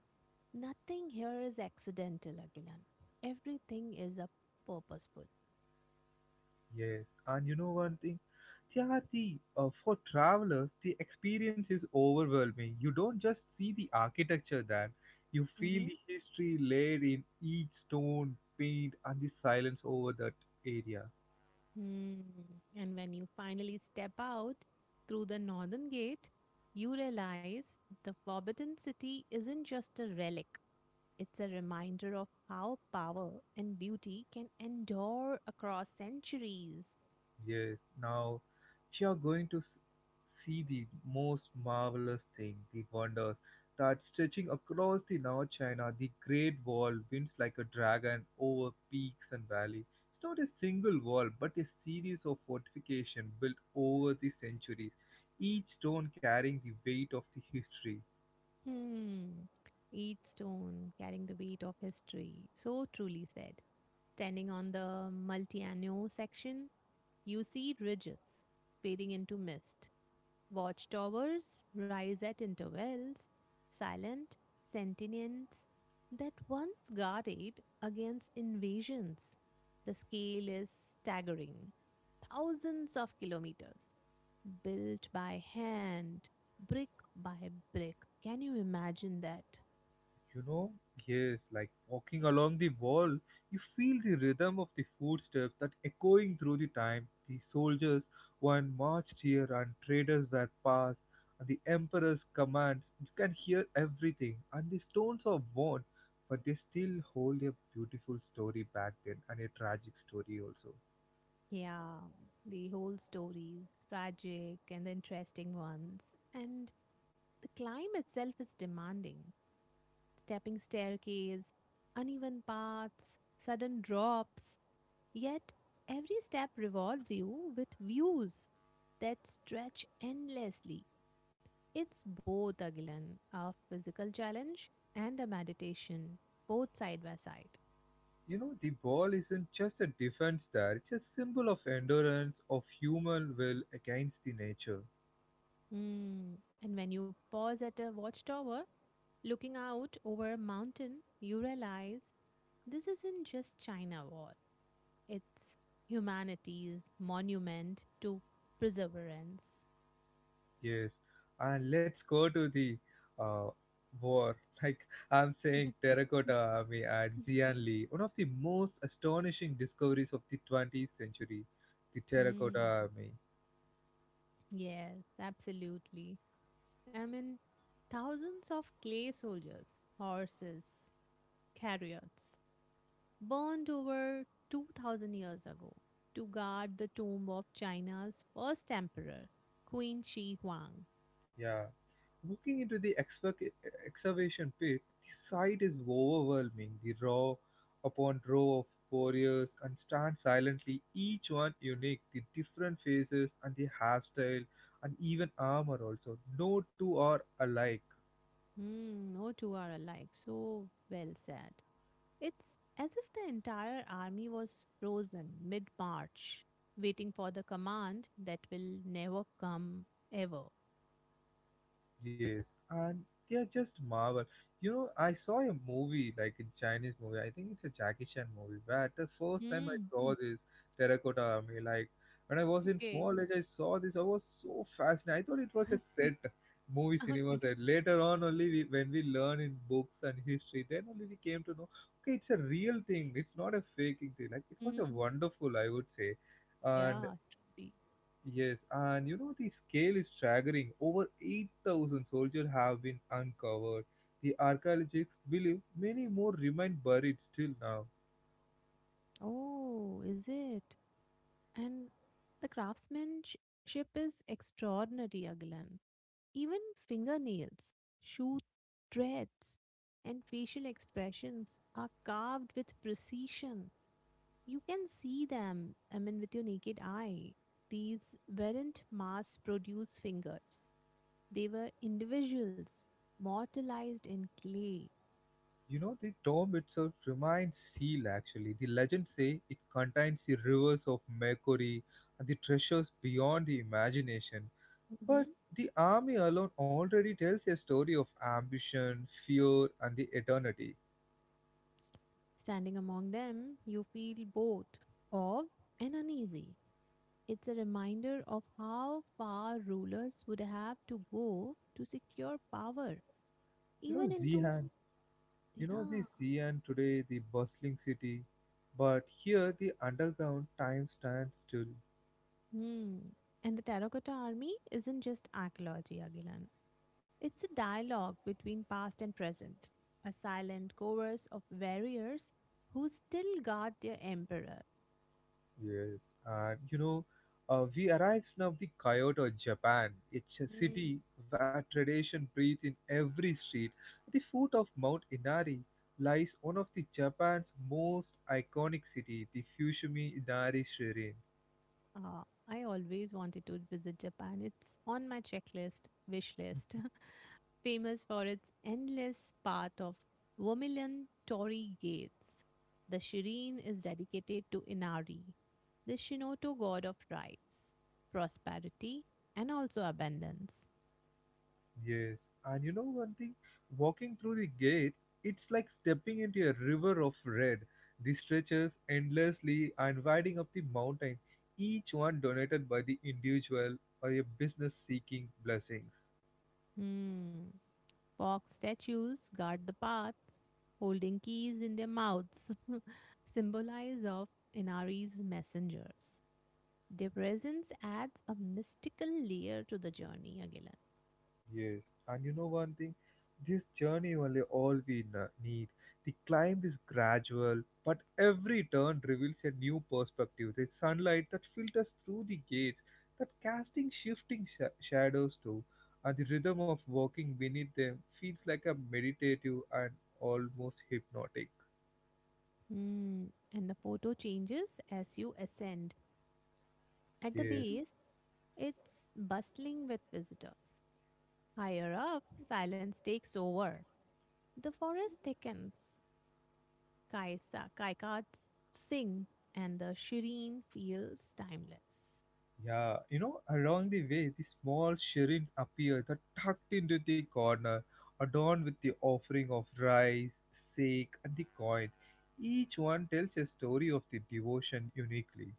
Speaker 2: Nothing here is accidental, Agilan. Everything is a purposeful.
Speaker 1: Yes, and you know one thing, Tyati, for travelers, the experience is overwhelming. You don't just see the architecture there; you feel the history laid in each stone, paint, and the silence over that area.
Speaker 2: Hmm. And when you finally step out through the northern gate, you realize the Forbidden City isn't just a relic, it's a reminder of how power and beauty can endure across centuries.
Speaker 1: Yes, now if you are going to see the most marvelous thing, the wonders that stretching across the North China, the Great Wall winds like a dragon over peaks and valleys. It's not a single wall, but a series of fortifications built over the centuries, each stone carrying the weight of the history.
Speaker 2: Hmm. Each stone carrying the weight of history. So truly said. Standing on the multi section, you see ridges fading into mist. Watchtowers rise at intervals, silent sentinels that once guarded against invasions. The scale is staggering. Thousands of kilometers, built by hand, brick by brick. Can you imagine that?
Speaker 1: You know, yes, like walking along the wall, you feel the rhythm of the footsteps that echoing through the time. The soldiers one marched here and traders were passed, and the emperor's commands. You can hear everything, and the stones are worn, but they still hold a beautiful story back then and a tragic story also.
Speaker 2: Yeah, the whole stories, tragic and the interesting ones. And the climb itself is demanding. Stepping staircase, uneven paths, sudden drops. Yet every step rewards you with views that stretch endlessly. It's both, Agilan, a physical challenge and a meditation, both side by side.
Speaker 1: You know, the wall isn't just a defense there, it's a symbol of endurance, of human will against the nature.
Speaker 2: Hmm. And when you pause at a watchtower, looking out over a mountain, you realize this isn't just China wall. It's humanity's monument to perseverance.
Speaker 1: Yes, and let's go to the uh, war. Like I'm saying, Terracotta Army at Xianli, one of the most astonishing discoveries of the 20th century, the Terracotta
Speaker 2: Hmm.
Speaker 1: Army.
Speaker 2: Yes, absolutely. I mean, thousands of clay soldiers, horses, chariots, burned over 2000 years ago to guard the tomb of China's first emperor, Queen Shi Huang.
Speaker 1: Yeah, walking into the excavation pit, the sight is overwhelming. The row upon row of warriors and stand silently, each one unique, the different faces and the hairstyle and even armor also. No two are alike.
Speaker 2: Hmm, no two are alike. So well said. It's as if the entire army was frozen mid March, waiting for the command that will never come ever.
Speaker 1: Yes, and they are just marvel. You know, I saw a movie, like a Chinese movie. I think it's a Jackie Chan movie. Where the first time I
Speaker 2: Mm,
Speaker 1: saw this terracotta army, like when I was in
Speaker 2: okay.
Speaker 1: small age, I saw this. I was so fascinated. I thought it was a set movie
Speaker 2: Okay.
Speaker 1: cinema set. Later on, only we, when we learn in books and history, then only we came to know. Okay, it's a real thing. It's not a faking thing. Like it was
Speaker 2: Mm,
Speaker 1: a wonderful, I would say, and
Speaker 2: yeah, truly.
Speaker 1: yes, and you know the scale is staggering. Over 8,000 soldiers have been uncovered. The archaeologists believe many more remain buried still now.
Speaker 2: Oh, is it? And the craftsmanship is extraordinary, Aglan. Even fingernails, shoe threads, and facial expressions are carved with precision. You can see them, I mean, with your naked eye. These weren't mass produced fingers, they were individuals, mortalized in clay.
Speaker 1: You know the tomb itself remains sealed actually. The legends say it contains the rivers of Mercury and the treasures beyond the imagination.
Speaker 2: Mhm.
Speaker 1: But the army alone already tells a story of ambition, fear and the eternity.
Speaker 2: Standing among them, you feel both awed and uneasy. It's a reminder of how far rulers would have to go to secure power,
Speaker 1: You know
Speaker 2: even into
Speaker 1: Zihan, you know the
Speaker 2: yeah.
Speaker 1: Xi'an today, the bustling city, but here the underground time stands still.
Speaker 2: Hmm. And the terracotta army isn't just archaeology, Agilan. It's a dialogue between past and present, a silent chorus of warriors who still guard their emperor.
Speaker 1: Yes, and you know, we arrived now the Kyoto, Japan. It's a
Speaker 2: Mm.
Speaker 1: city where tradition breathes in every street. At the foot of Mount Inari lies one of the Japan's most iconic city, the Fushimi Inari Shrine.
Speaker 2: Uh, I always wanted to visit Japan. It's on my checklist, wish list, famous for its endless path of vermilion torii gates. The Shirin is dedicated to Inari, the Shinoto god of rights, prosperity, and also abundance.
Speaker 1: Yes, and you know one thing, walking through the gates, it's like stepping into a river of red. The stretches endlessly and winding up the mountain, each one donated by the individual or a business seeking blessings.
Speaker 2: Hmm. Fox statues guard the paths, holding keys in their mouths, symbolize of Inari's messengers. Their presence adds a mystical layer to the journey, Agilan.
Speaker 1: Yes, and you know one thing, this journey only all we need. The climb is gradual, but every turn reveals a new perspective. The sunlight that filters through the gates, that casting shifting shadows too, and the rhythm of walking beneath them feels like a meditative and almost hypnotic.
Speaker 2: And the photo changes as you ascend. At the
Speaker 1: Yes.
Speaker 2: base, it's bustling with visitors. Higher up, silence takes over. The forest thickens, kaisa, kaikards sings, and the shireen feels timeless.
Speaker 1: Yeah, you know, along the way, the small shrines appear that tucked into the corner, adorned with the offering of rice, sake, and the coins. Each one tells a story of the devotion uniquely.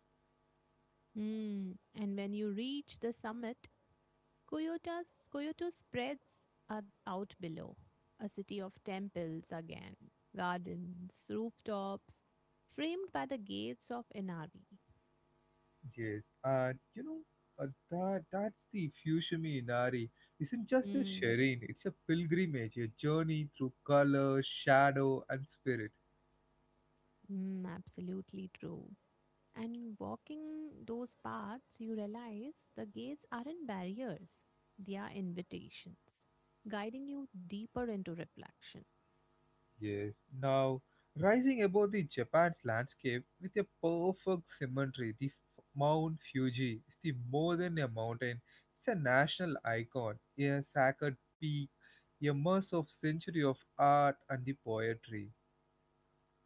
Speaker 2: Hmm. And when you reach the summit, Kyoto spreads out below. A city of temples again, gardens, rooftops, framed by the gates of Inari.
Speaker 1: Yes, and you know, that's the Fushimi Inari. Isn't just a
Speaker 2: Mm.
Speaker 1: shrine; it's a pilgrimage, a journey through color, shadow, and spirit.
Speaker 2: Mm, absolutely true. And walking those paths, you realize the gates aren't barriers, they are invitations, guiding you deeper into reflection.
Speaker 1: Yes. Now, rising above the Japan's landscape with a perfect symmetry, the Mount Fuji is the more than a mountain. It's a national icon, a sacred peak, a mass of century of art and the poetry.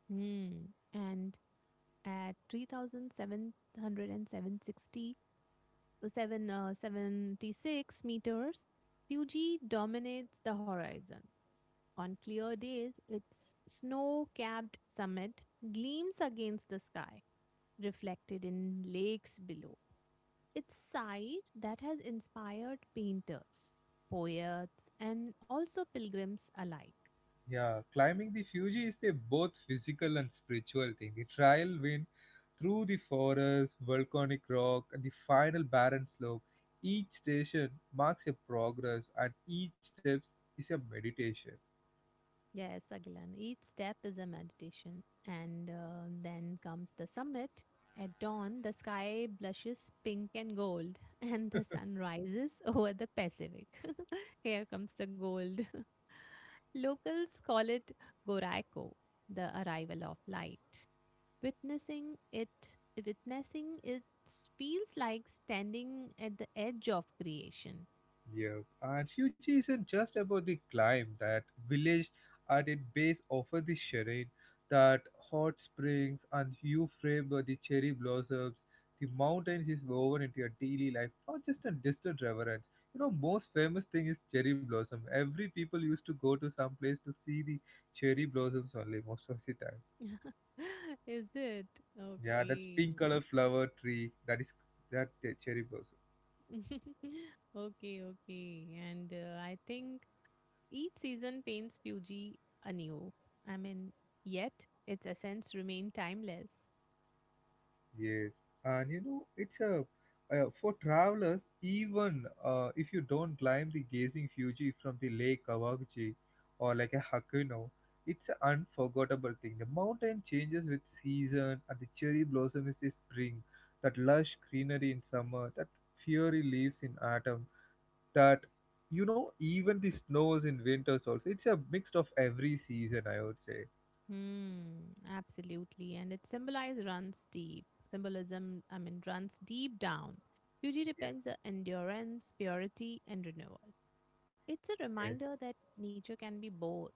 Speaker 2: Hmm. And at 3,760 76 meters, Fuji dominates the horizon. On clear days, its snow capped summit gleams against the sky, reflected in lakes below. It's a site that has inspired painters, poets, and also pilgrims alike.
Speaker 1: Yeah, climbing the Fuji is a both physical and spiritual thing. The trial wind through the forest, volcanic rock, and the final barren slope. Each station marks a progress, and each step is a meditation.
Speaker 2: Yes, Agilan. Each step is a meditation. And then comes the summit. At dawn, the sky blushes pink and gold, and the sun rises over the Pacific. Here comes the gold. Locals call it Goraiko, the arrival of light. Witnessing it, witnessing it feels like standing at the edge of creation.
Speaker 1: Yeah, and Fuji isn't just about the climb. That village at its base offer the terrain, that hot springs and view frame by the cherry blossoms. The mountains is woven into your daily life, not just a distant reverence. You know, most famous thing is cherry blossom. Every people used to go to some place to see the cherry blossoms only most of the time.
Speaker 2: Is it?
Speaker 1: Yeah, that's
Speaker 2: Okay.
Speaker 1: pink color flower tree. That is that cherry blossom.
Speaker 2: Okay, okay. And I think each season paints Fuji anew. I mean, yet its essence remain timeless.
Speaker 1: Yes, and you know, it's a for travelers, even if you don't climb the gazing Fuji from the Lake Kawaguchi or like a Hakuno, it's an unforgettable thing. The mountain changes with season, and the cherry blossom is the spring, that lush greenery in summer, that fiery leaves in autumn, that you know, even the snows in winters also. It's a mix of every season, I would say.
Speaker 2: Hmm, absolutely. And its symbolize runs deep. Symbolism, I mean, runs deep down. Fuji depends on endurance, purity, and renewal. It's a reminder that nature can be both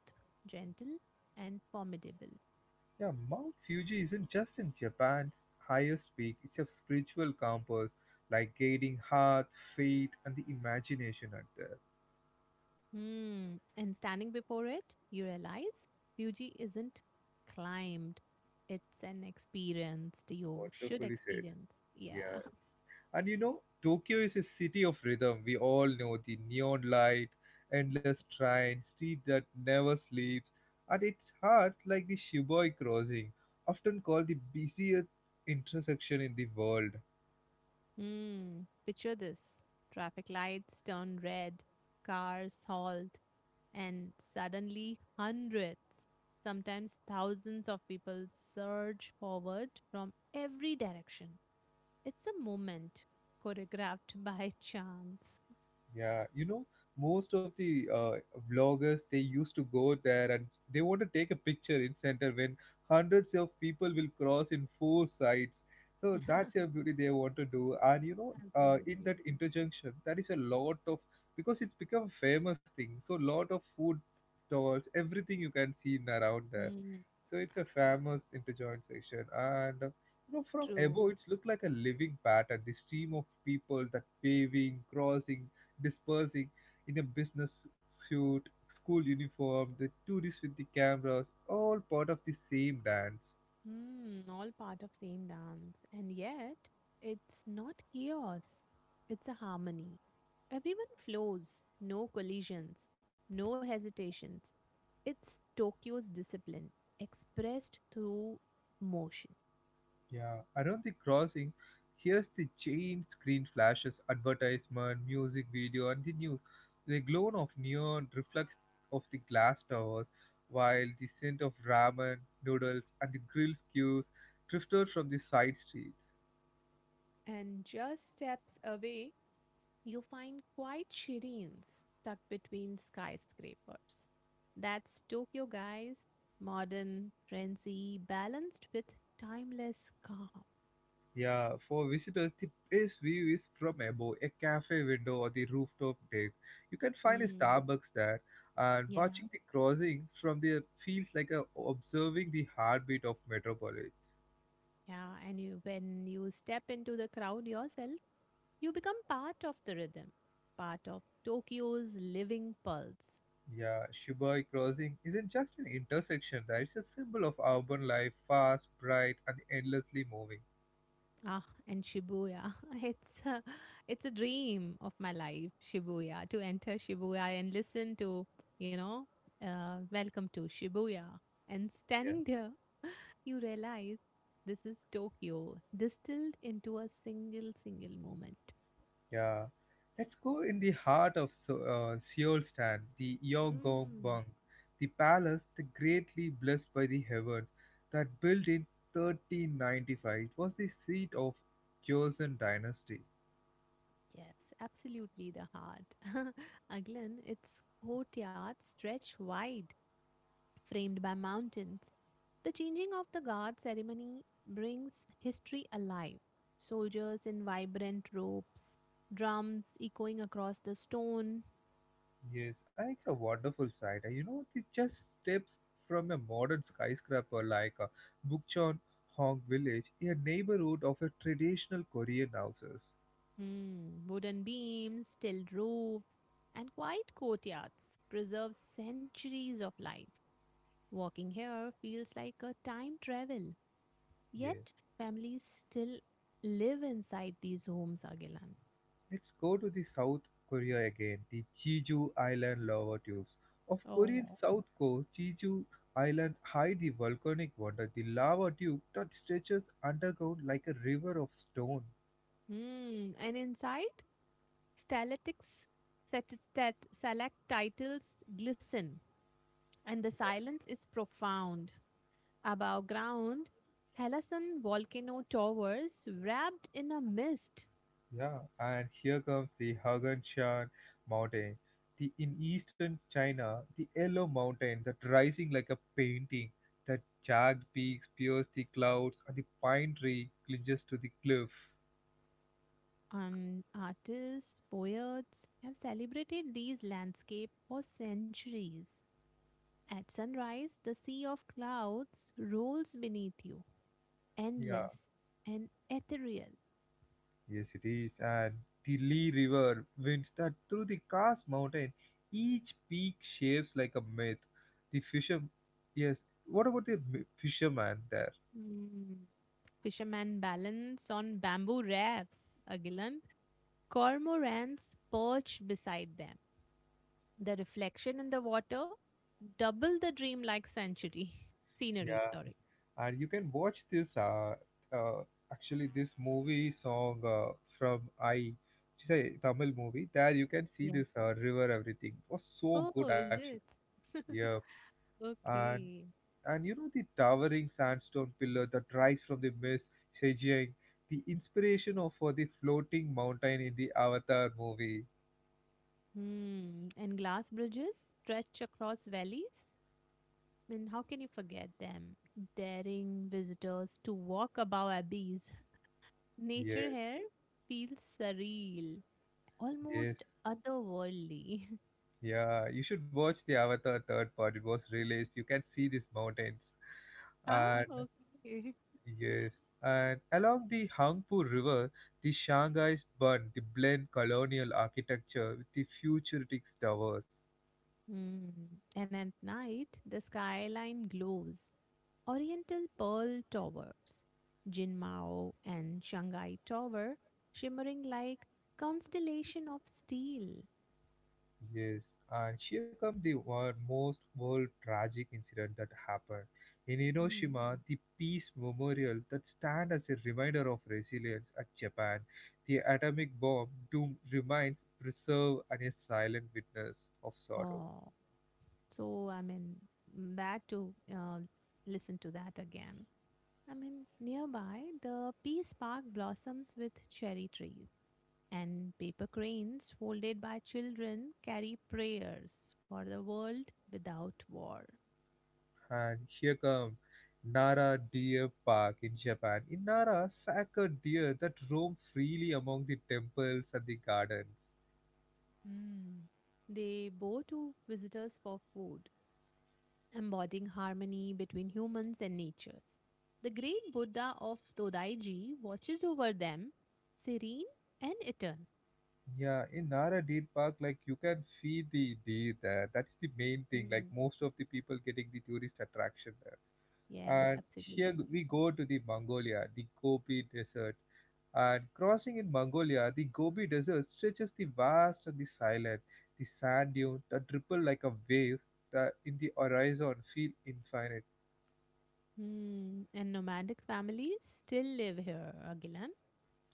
Speaker 2: gentle and formidable.
Speaker 1: Yeah, Mount Fuji isn't just in Japan's highest peak, it's a spiritual compass, like guiding heart, faith, and the imagination at there.
Speaker 2: Hmm. And standing before it, you realize Fuji isn't climbed. It's an experience that you should
Speaker 1: Wonderfully said.
Speaker 2: experience. Yeah.
Speaker 1: Yes. And you know, Tokyo is a city of rhythm. We all know the neon light, endless train, street that never sleeps, and its heart like the Shiboi crossing, often called the busiest intersection in the world.
Speaker 2: Hmm. Picture this. Traffic lights turn red, cars halt, and suddenly hundreds, sometimes thousands of people surge forward from every direction. It's a moment choreographed by chance.
Speaker 1: Yeah, you know, most of the vloggers they used to go there and they want to take a picture in center when hundreds of people will cross in four sides. So that's a beauty they want to do. And you know, in
Speaker 2: Absolutely.
Speaker 1: that interjunction, there is a lot of because it's become a famous thing. So lot of food stalls, everything you can see in around there.
Speaker 2: Hmm.
Speaker 1: So it's a famous interjoint section, and you know from
Speaker 2: True.
Speaker 1: above it's looked like a living pattern. The stream of people that paving, crossing, dispersing in a business suit, school uniform, the tourists with the cameras, all part of the same dance.
Speaker 2: Hmm, all part of same dance. And yet, it's not chaos. It's a harmony. Everyone flows, no collisions, no hesitations. It's Tokyo's discipline expressed through motion.
Speaker 1: Yeah, around the crossing, here's the giant screen flashes, advertisement, music video, and the news. The glow of neon reflects of the glass towers, while the scent of ramen, noodles, and the grill skews drifted from the side streets.
Speaker 2: And just steps away, you find quite Shireen stuck between skyscrapers. That's Tokyo, guys. Modern, frenzy, balanced with timeless calm.
Speaker 1: Yeah, for visitors, the best view is from above, a cafe window or the rooftop deck. You can find a
Speaker 2: Mm,
Speaker 1: Starbucks there, and
Speaker 2: yeah,
Speaker 1: watching the crossing from there feels like a, observing the heartbeat of metropolis.
Speaker 2: yeah. And you, when you step into the crowd yourself, you become part of the rhythm, part of Tokyo's living pulse.
Speaker 1: Yeah, Shibuya Crossing isn't just an intersection, right? It's a symbol of urban life, fast, bright, and endlessly moving.
Speaker 2: Ah, and Shibuya. It's a, it's a dream of my life, Shibuya, to enter Shibuya and listen to, you know, welcome to Shibuya. And
Speaker 1: Yeah.
Speaker 2: standing there, you realize this is Tokyo distilled into a single moment.
Speaker 1: Yeah. Let's go in the heart of Seoul Stand, the Yeongongbang, the palace, the greatly blessed by the heavens, that built in 1395. It was the seat of Joseon Dynasty.
Speaker 2: Yes, absolutely the heart. Aglan, its courtyards stretch wide, framed by mountains. The changing of the guard ceremony brings history alive. Soldiers in vibrant robes, drums echoing across the stone,
Speaker 1: Yes, and it's a wonderful sight. You know, it just steps from a modern skyscraper like Bukchon Hong Village, a neighborhood of a traditional Korean houses.
Speaker 2: hmm, wooden beams, tiled roofs, and quiet courtyards preserve centuries of life. Walking here feels like a time travel.
Speaker 1: Yes.
Speaker 2: Yet, families still live inside these homes, Agilan.
Speaker 1: Let's go to the South Korea again, the Jeju Island lava tubes. Of Korean
Speaker 2: Oh.
Speaker 1: South Coast, Jeju Island hide the volcanic wonder, the lava tube that stretches underground like a river of stone.
Speaker 2: Hmm. And inside, stalactites, stalactites glisten, and the silence is profound. Above ground, Halasan volcano towers wrapped in a mist.
Speaker 1: Yeah, and here comes the Haganshan Mountain. The in eastern China, the yellow mountain that rising like a painting, the jagged peaks pierce the clouds, and the pine tree clinches to the cliff.
Speaker 2: And artists, poets have celebrated these landscapes for centuries. At sunrise, the sea of clouds rolls beneath you,
Speaker 1: Yeah,
Speaker 2: endless and ethereal.
Speaker 1: yes it is. And the Li River winds that through the Kars Mountain. Each peak shapes like a myth. The fisher, yes. What about the fisherman there?
Speaker 2: Mm. Fishermen balance on bamboo rafts, Agilan. Cormorants perch beside them. The reflection in the water double the dreamlike century scenery,
Speaker 1: Yeah,
Speaker 2: sorry.
Speaker 1: and you can watch this uh actually this movie song from I, which is a Tamil movie. There you can see
Speaker 2: Yeah.
Speaker 1: this river. Everything it was so
Speaker 2: Oh,
Speaker 1: good
Speaker 2: is
Speaker 1: actually.
Speaker 2: it?
Speaker 1: Yeah, and
Speaker 2: Okay.
Speaker 1: you know the towering sandstone pillar that rise from the mist, Shejiang, the inspiration of for the floating mountain in the Avatar movie.
Speaker 2: Hmm. And glass bridges stretch across valleys. I mean, how can you forget them? Daring visitors to walk above abbeys, nature
Speaker 1: Yes,
Speaker 2: hair feels surreal, almost
Speaker 1: yes.
Speaker 2: otherworldly.
Speaker 1: Yeah, you should watch the Avatar third part. It was released. You can see these mountains.
Speaker 2: Ah,
Speaker 1: And
Speaker 2: okay.
Speaker 1: yes, and along the Hangpu River, the Shanghai's Bund, the blend colonial architecture with the futuristic towers.
Speaker 2: Hmm. And at night, the skyline glows. Oriental Pearl Towers, Jinmao and Shanghai Tower, shimmering like constellation of steel.
Speaker 1: Yes, and here comes the one most world tragic incident that happened. In
Speaker 2: Hmm.
Speaker 1: Hiroshima, the peace memorial that stand as a reminder of resilience at Japan, the atomic bomb doom remains preserved and a silent witness of sorrow.
Speaker 2: Oh, so I mean that to listen to that again. I mean nearby the Peace Park blossoms with cherry trees and paper cranes folded by children carry prayers for the world without war.
Speaker 1: And here come Nara Deer Park in Japan. In Nara, saka deer that roam freely among the temples and the gardens.
Speaker 2: Hmm. They bow to visitors for food, embodying harmony between humans and natures. The great Buddha of Todaiji watches over them, serene and eternal.
Speaker 1: Yeah, in Nara Deer Park, like you can feed the deer there. That's the main thing. Like
Speaker 2: Hmm.
Speaker 1: most of the people getting the tourist attraction there.
Speaker 2: Yes,
Speaker 1: And
Speaker 2: absolutely.
Speaker 1: here we go to the Mongolia, the Gobi Desert. And crossing in Mongolia, the Gobi Desert stretches the vast and the silent, the sand dunes that ripple like a waves that in the horizon feel infinite.
Speaker 2: Hmm. And nomadic families still live here, Agilan,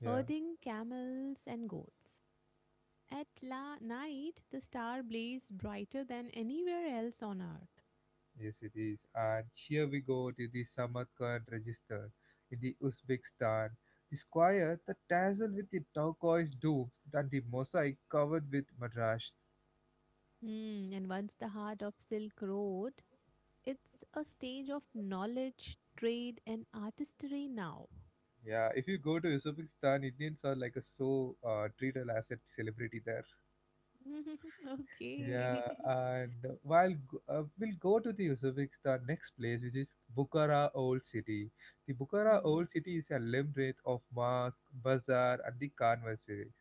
Speaker 1: Yeah,
Speaker 2: herding camels and goats. At la night, the star blazed brighter than anywhere else on earth.
Speaker 1: yes it is. And here we go to the Samarkand register in the Uzbekistan, the square that dazzled with the turquoise domes and the mosaic covered with madrash.
Speaker 2: And once the heart of Silk Road, it's a stage of knowledge, trade, and artistry now.
Speaker 1: Yeah, if you go to Uzbekistan, Indians are like a so treated as a celebrity there.
Speaker 2: Okay.
Speaker 1: Yeah, and while we'll go to the Uzbekistan next place, which is Bukhara Old City. The Bukhara
Speaker 2: Hmm.
Speaker 1: Old City is a labyrinth of mosque, bazaar, and the conversaries.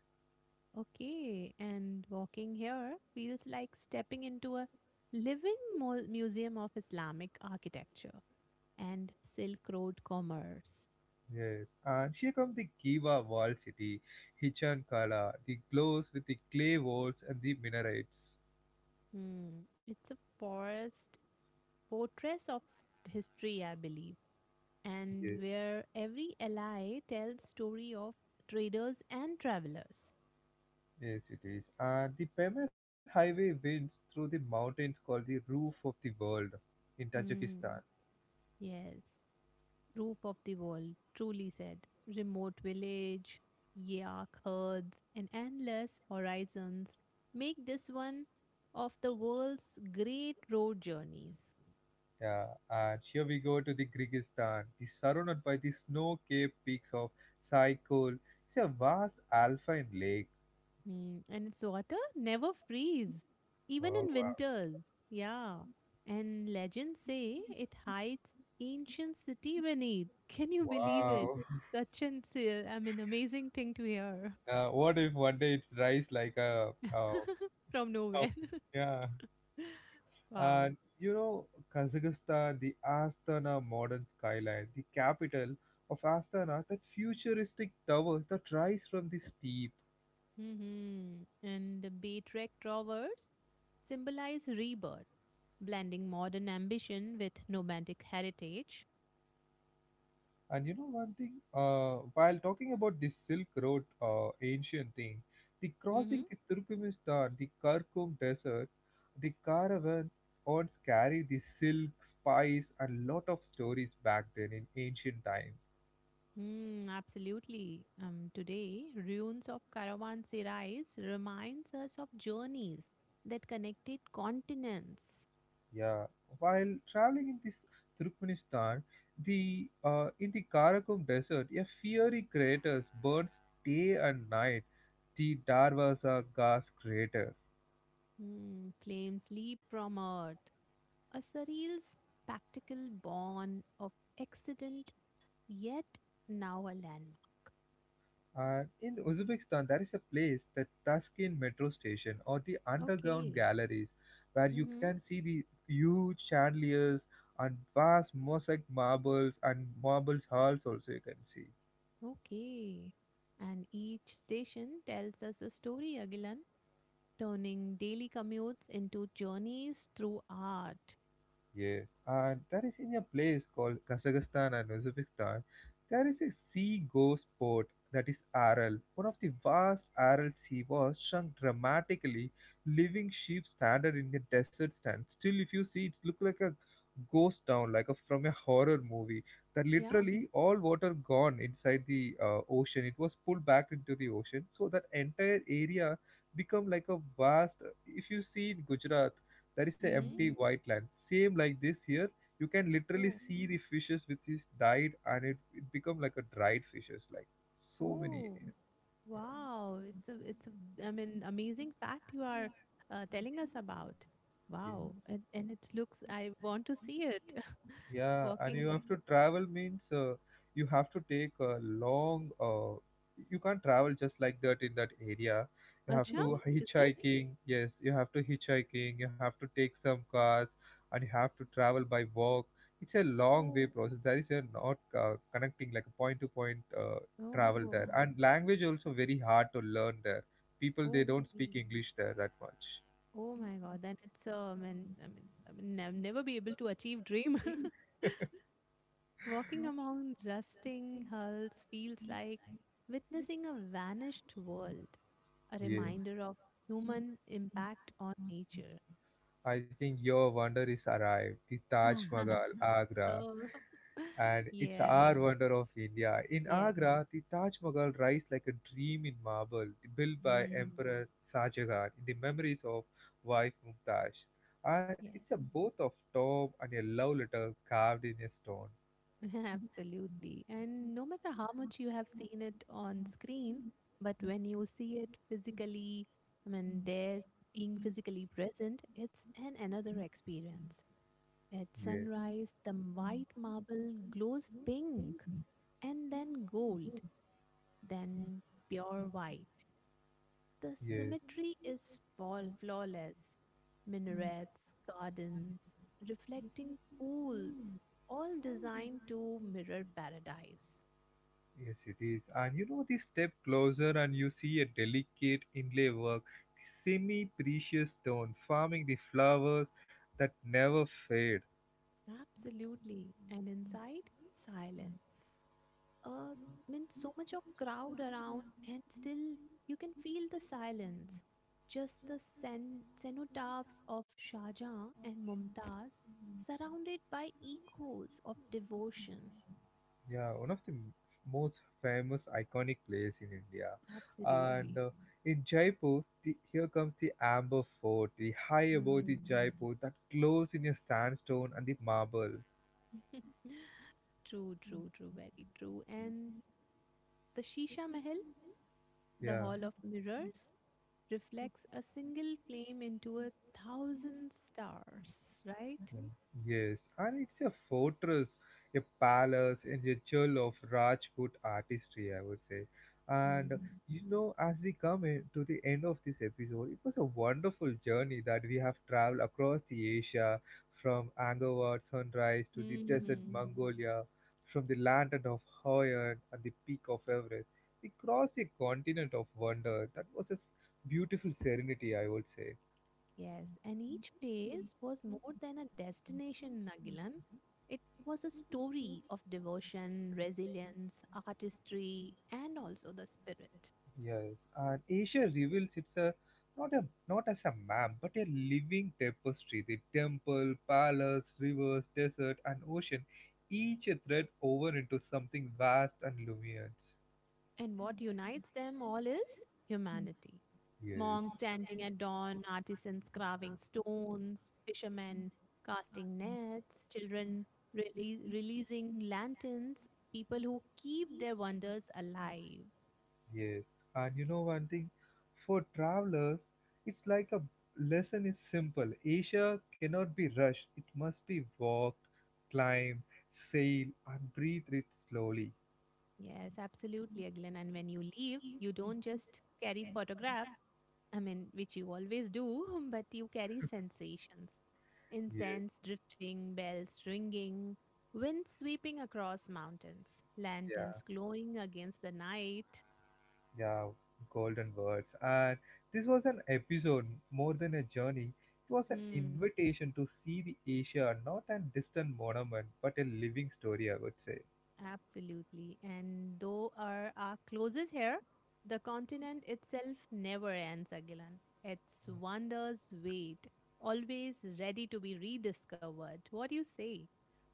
Speaker 2: Okay, and walking here feels like stepping into a living museum of Islamic architecture and Silk Road commerce.
Speaker 1: Yes, and here comes the Giva Wall City, Hichan Kala, the glows with the clay walls and the minarets.
Speaker 2: Hmm. It's a forest portraits of history, I believe, and
Speaker 1: Yes,
Speaker 2: where every ally tells story of traders and travelers.
Speaker 1: yes, it is. And the Pamir Highway winds through the mountains called the roof of the world in
Speaker 2: Hmm.
Speaker 1: Tajikistan.
Speaker 2: Yes, roof of the world, truly said. Remote village, yak herds, and endless horizons make this one of the world's great road journeys.
Speaker 1: Yeah, and here we go to the Kyrgyzstan. The surrounded by the snow-capped peaks of Saikul. It's a vast alpine lake.
Speaker 2: Mm, and its water never freeze, even
Speaker 1: Oh
Speaker 2: in
Speaker 1: wow!
Speaker 2: winters. Yeah. And legends say it hides ancient city beneath. Can you believe it?
Speaker 1: Wow!
Speaker 2: Such an s- amazing thing to hear
Speaker 1: What if one day it's rise like a
Speaker 2: from nowhere.
Speaker 1: something? Yeah,
Speaker 2: Wow.
Speaker 1: and you know Kazakhstan, the Astana modern skyline, the capital of Astana, that futuristic towers that rise from the steep,
Speaker 2: Hmm. And the Baytrek towers symbolize rebirth, blending modern ambition with nomadic heritage.
Speaker 1: and you know one thing, while talking about this Silk Road ancient thing, the
Speaker 2: Mm-hmm.
Speaker 1: crossing the Turkmenistan, the Kirkum Desert, the caravans carry the silk, spice, and lot of stories back then in ancient times.
Speaker 2: Mm, absolutely. Today, ruins of caravanserais reminds us of journeys that connected continents.
Speaker 1: Yeah, while traveling in this Turkmenistan, the in the Karakum Desert, a fiery crater burns day and night. The Darwaza gas crater.
Speaker 2: Mm, flames leap from earth, a surreal spectacle born of accident, yet now a landmark.
Speaker 1: And in Uzbekistan, there is a place, the Tashkent metro station or the underground
Speaker 2: Okay.
Speaker 1: galleries, where you
Speaker 2: Mm-hmm.
Speaker 1: can see the huge chandeliers and vast mosaic marbles and marbles halls also you can see.
Speaker 2: Okay. And each station tells us a story, Agilan, turning daily commutes into journeys through art.
Speaker 1: Yes, and there is in a place called Kazakhstan and Uzbekistan, there is a sea ghost port that is Aral. One of the vast Aral sea was shrunk dramatically. Living sheep stranded in the desert stand. Still, if you see, it look like a ghost town, like a, from a horror movie. That
Speaker 2: Yeah.
Speaker 1: literally all water gone inside the ocean. It was pulled back into the ocean, so that entire area become like a vast. If you see in Gujarat there is a
Speaker 2: Mm-hmm.
Speaker 1: empty white land. Same like this here. You can literally
Speaker 2: Oh.
Speaker 1: see the fishes which is died and it become like a dried fishes like so many
Speaker 2: Oh,
Speaker 1: yeah,
Speaker 2: wow. It's a, amazing fact you are telling us about.
Speaker 1: yes.
Speaker 2: Wow. And it looks, I want to see it
Speaker 1: Yeah, and you
Speaker 2: walking.
Speaker 1: have to travel means you have to take a long. You can't travel just like that in that area. You have
Speaker 2: Acha,
Speaker 1: to
Speaker 2: is it?
Speaker 1: hitchhiking. Yes, you have to hitchhiking. You have to take some cars, and you have to travel by walk. It's a long way
Speaker 2: Oh,
Speaker 1: process. That is, you're not connecting like a point to point travel there,
Speaker 2: oh,
Speaker 1: and language also very hard to learn there. People they don't
Speaker 2: okay.
Speaker 1: speak English there that much.
Speaker 2: Oh my God. Then it's I'll never be able to achieve dream. Walking among rusting hulls feels like witnessing a vanished world, a
Speaker 1: Yeah.
Speaker 2: reminder of human impact on nature.
Speaker 1: I think your wonder is arrived, the Taj Mahal, Agra,
Speaker 2: Oh.
Speaker 1: and it's
Speaker 2: Yeah,
Speaker 1: our wonder of India. In
Speaker 2: yes.
Speaker 1: Agra, the Taj Mahal rises like a dream in marble, built by
Speaker 2: Mm.
Speaker 1: Emperor Shahjahan in the memories of wife Mumtaz.
Speaker 2: Yeah,
Speaker 1: It's a both of top and a love letter carved in a stone.
Speaker 2: absolutely. And no matter how much you have seen it on screen, but when you see it physically, I mean, there being physically present, it's an another experience. At
Speaker 1: Yes,
Speaker 2: sunrise, the white marble glows pink and then gold, then pure white. The
Speaker 1: yes.
Speaker 2: symmetry is flawless. Minarets, gardens, reflecting pools, all designed to mirror paradise.
Speaker 1: Yes, it is. And you know, the step closer and you see a delicate inlay work, the semi precious stone farming the flowers that never fade.
Speaker 2: Absolutely. And inside, silence. Uh, I mean, so much of crowd around, and still you can feel the silence. Just the cenotaphs of Shah Jahan and Mumtaz, surrounded by echoes of devotion.
Speaker 1: Yeah, one of the most famous iconic place in India. And
Speaker 2: Absolutely.
Speaker 1: in Jaipur, the, here comes the Amber Fort, the high above the
Speaker 2: Hmm.
Speaker 1: Jaipur that glows in a sandstone and the marble.
Speaker 2: True, true, true, very true. And the Shisha Mahal, the
Speaker 1: Yeah.
Speaker 2: Hall of Mirrors, reflects a single flame into a thousand stars, right?
Speaker 1: Yes, and it's a fortress, a palace, and a jewel of Rajput artistry, I would say. And
Speaker 2: Mm.
Speaker 1: you know, as we come in to the end of this episode, it was a wonderful journey that we have traveled across the Asia, from Angkor sunrise to the desert
Speaker 2: Mm.
Speaker 1: Mongolia, from the land of Hawaiian and the peak of Everest. We crossed a continent of wonder. That was a beautiful serenity, I would say.
Speaker 2: Yes, and each place was more than a destination, Nagilan. It was a story of devotion, resilience, artistry, and also the spirit.
Speaker 1: Yes, and Asia reveals it's a not as a map, but a living tapestry. The temple, palace, rivers, desert, and ocean, each a thread woven into something vast and luminous.
Speaker 2: And what unites them all is humanity.
Speaker 1: Yes.
Speaker 2: Monks chanting at dawn, artisans carving stones, fishermen casting nets, children releasing lanterns, people who keep their wonders alive.
Speaker 1: Yes, and you know one thing, for travelers, it's like a lesson is simple. Asia cannot be rushed. It must be walked, climb, sail, and breathe it slowly.
Speaker 2: Yes, absolutely, Aglan. And when you leave, you don't just carry photographs, I mean, which you always do, but you carry sensations.
Speaker 1: Yes,
Speaker 2: Incense drifting, bells ringing, wind sweeping across mountains,
Speaker 1: yeah.
Speaker 2: lanterns glowing against the night.
Speaker 1: Yeah, golden words. And this was an episode more than a journey. It was an
Speaker 2: Hmm.
Speaker 1: invitation to see the Asia, not a distant monument, but a living story, I would say.
Speaker 2: Absolutely. And though our closes here, the continent itself never ends, Agilan. Its wonders wait, always ready to be rediscovered. What do you say?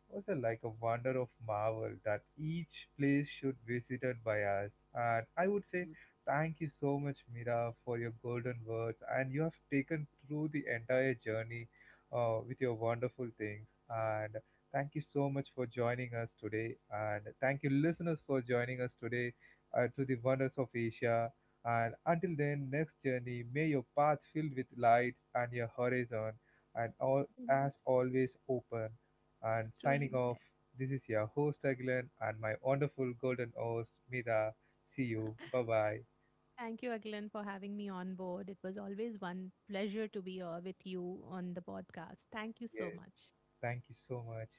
Speaker 1: Was a, like a wonder of marvel that each place should visited by us. And I would say
Speaker 2: Absolutely.
Speaker 1: thank you so much, Mira, for your golden words, and you have taken through the entire journey with your wonderful things. And thank you so much for joining us today, and thank you, listeners, for joining us today to the wonders of Asia. And until then, next journey, may your path filled with lights and your horizon and all
Speaker 2: Mhm.
Speaker 1: as always open and signing
Speaker 2: Truly said.
Speaker 1: off. This is your host Aguilan and my wonderful golden host Mida. See you. Bye bye.
Speaker 2: Thank you, Aglan, for having me on board. It was always one pleasure to be here with you on the podcast. Thank you so
Speaker 1: Yes.
Speaker 2: much.
Speaker 1: Thank you so much.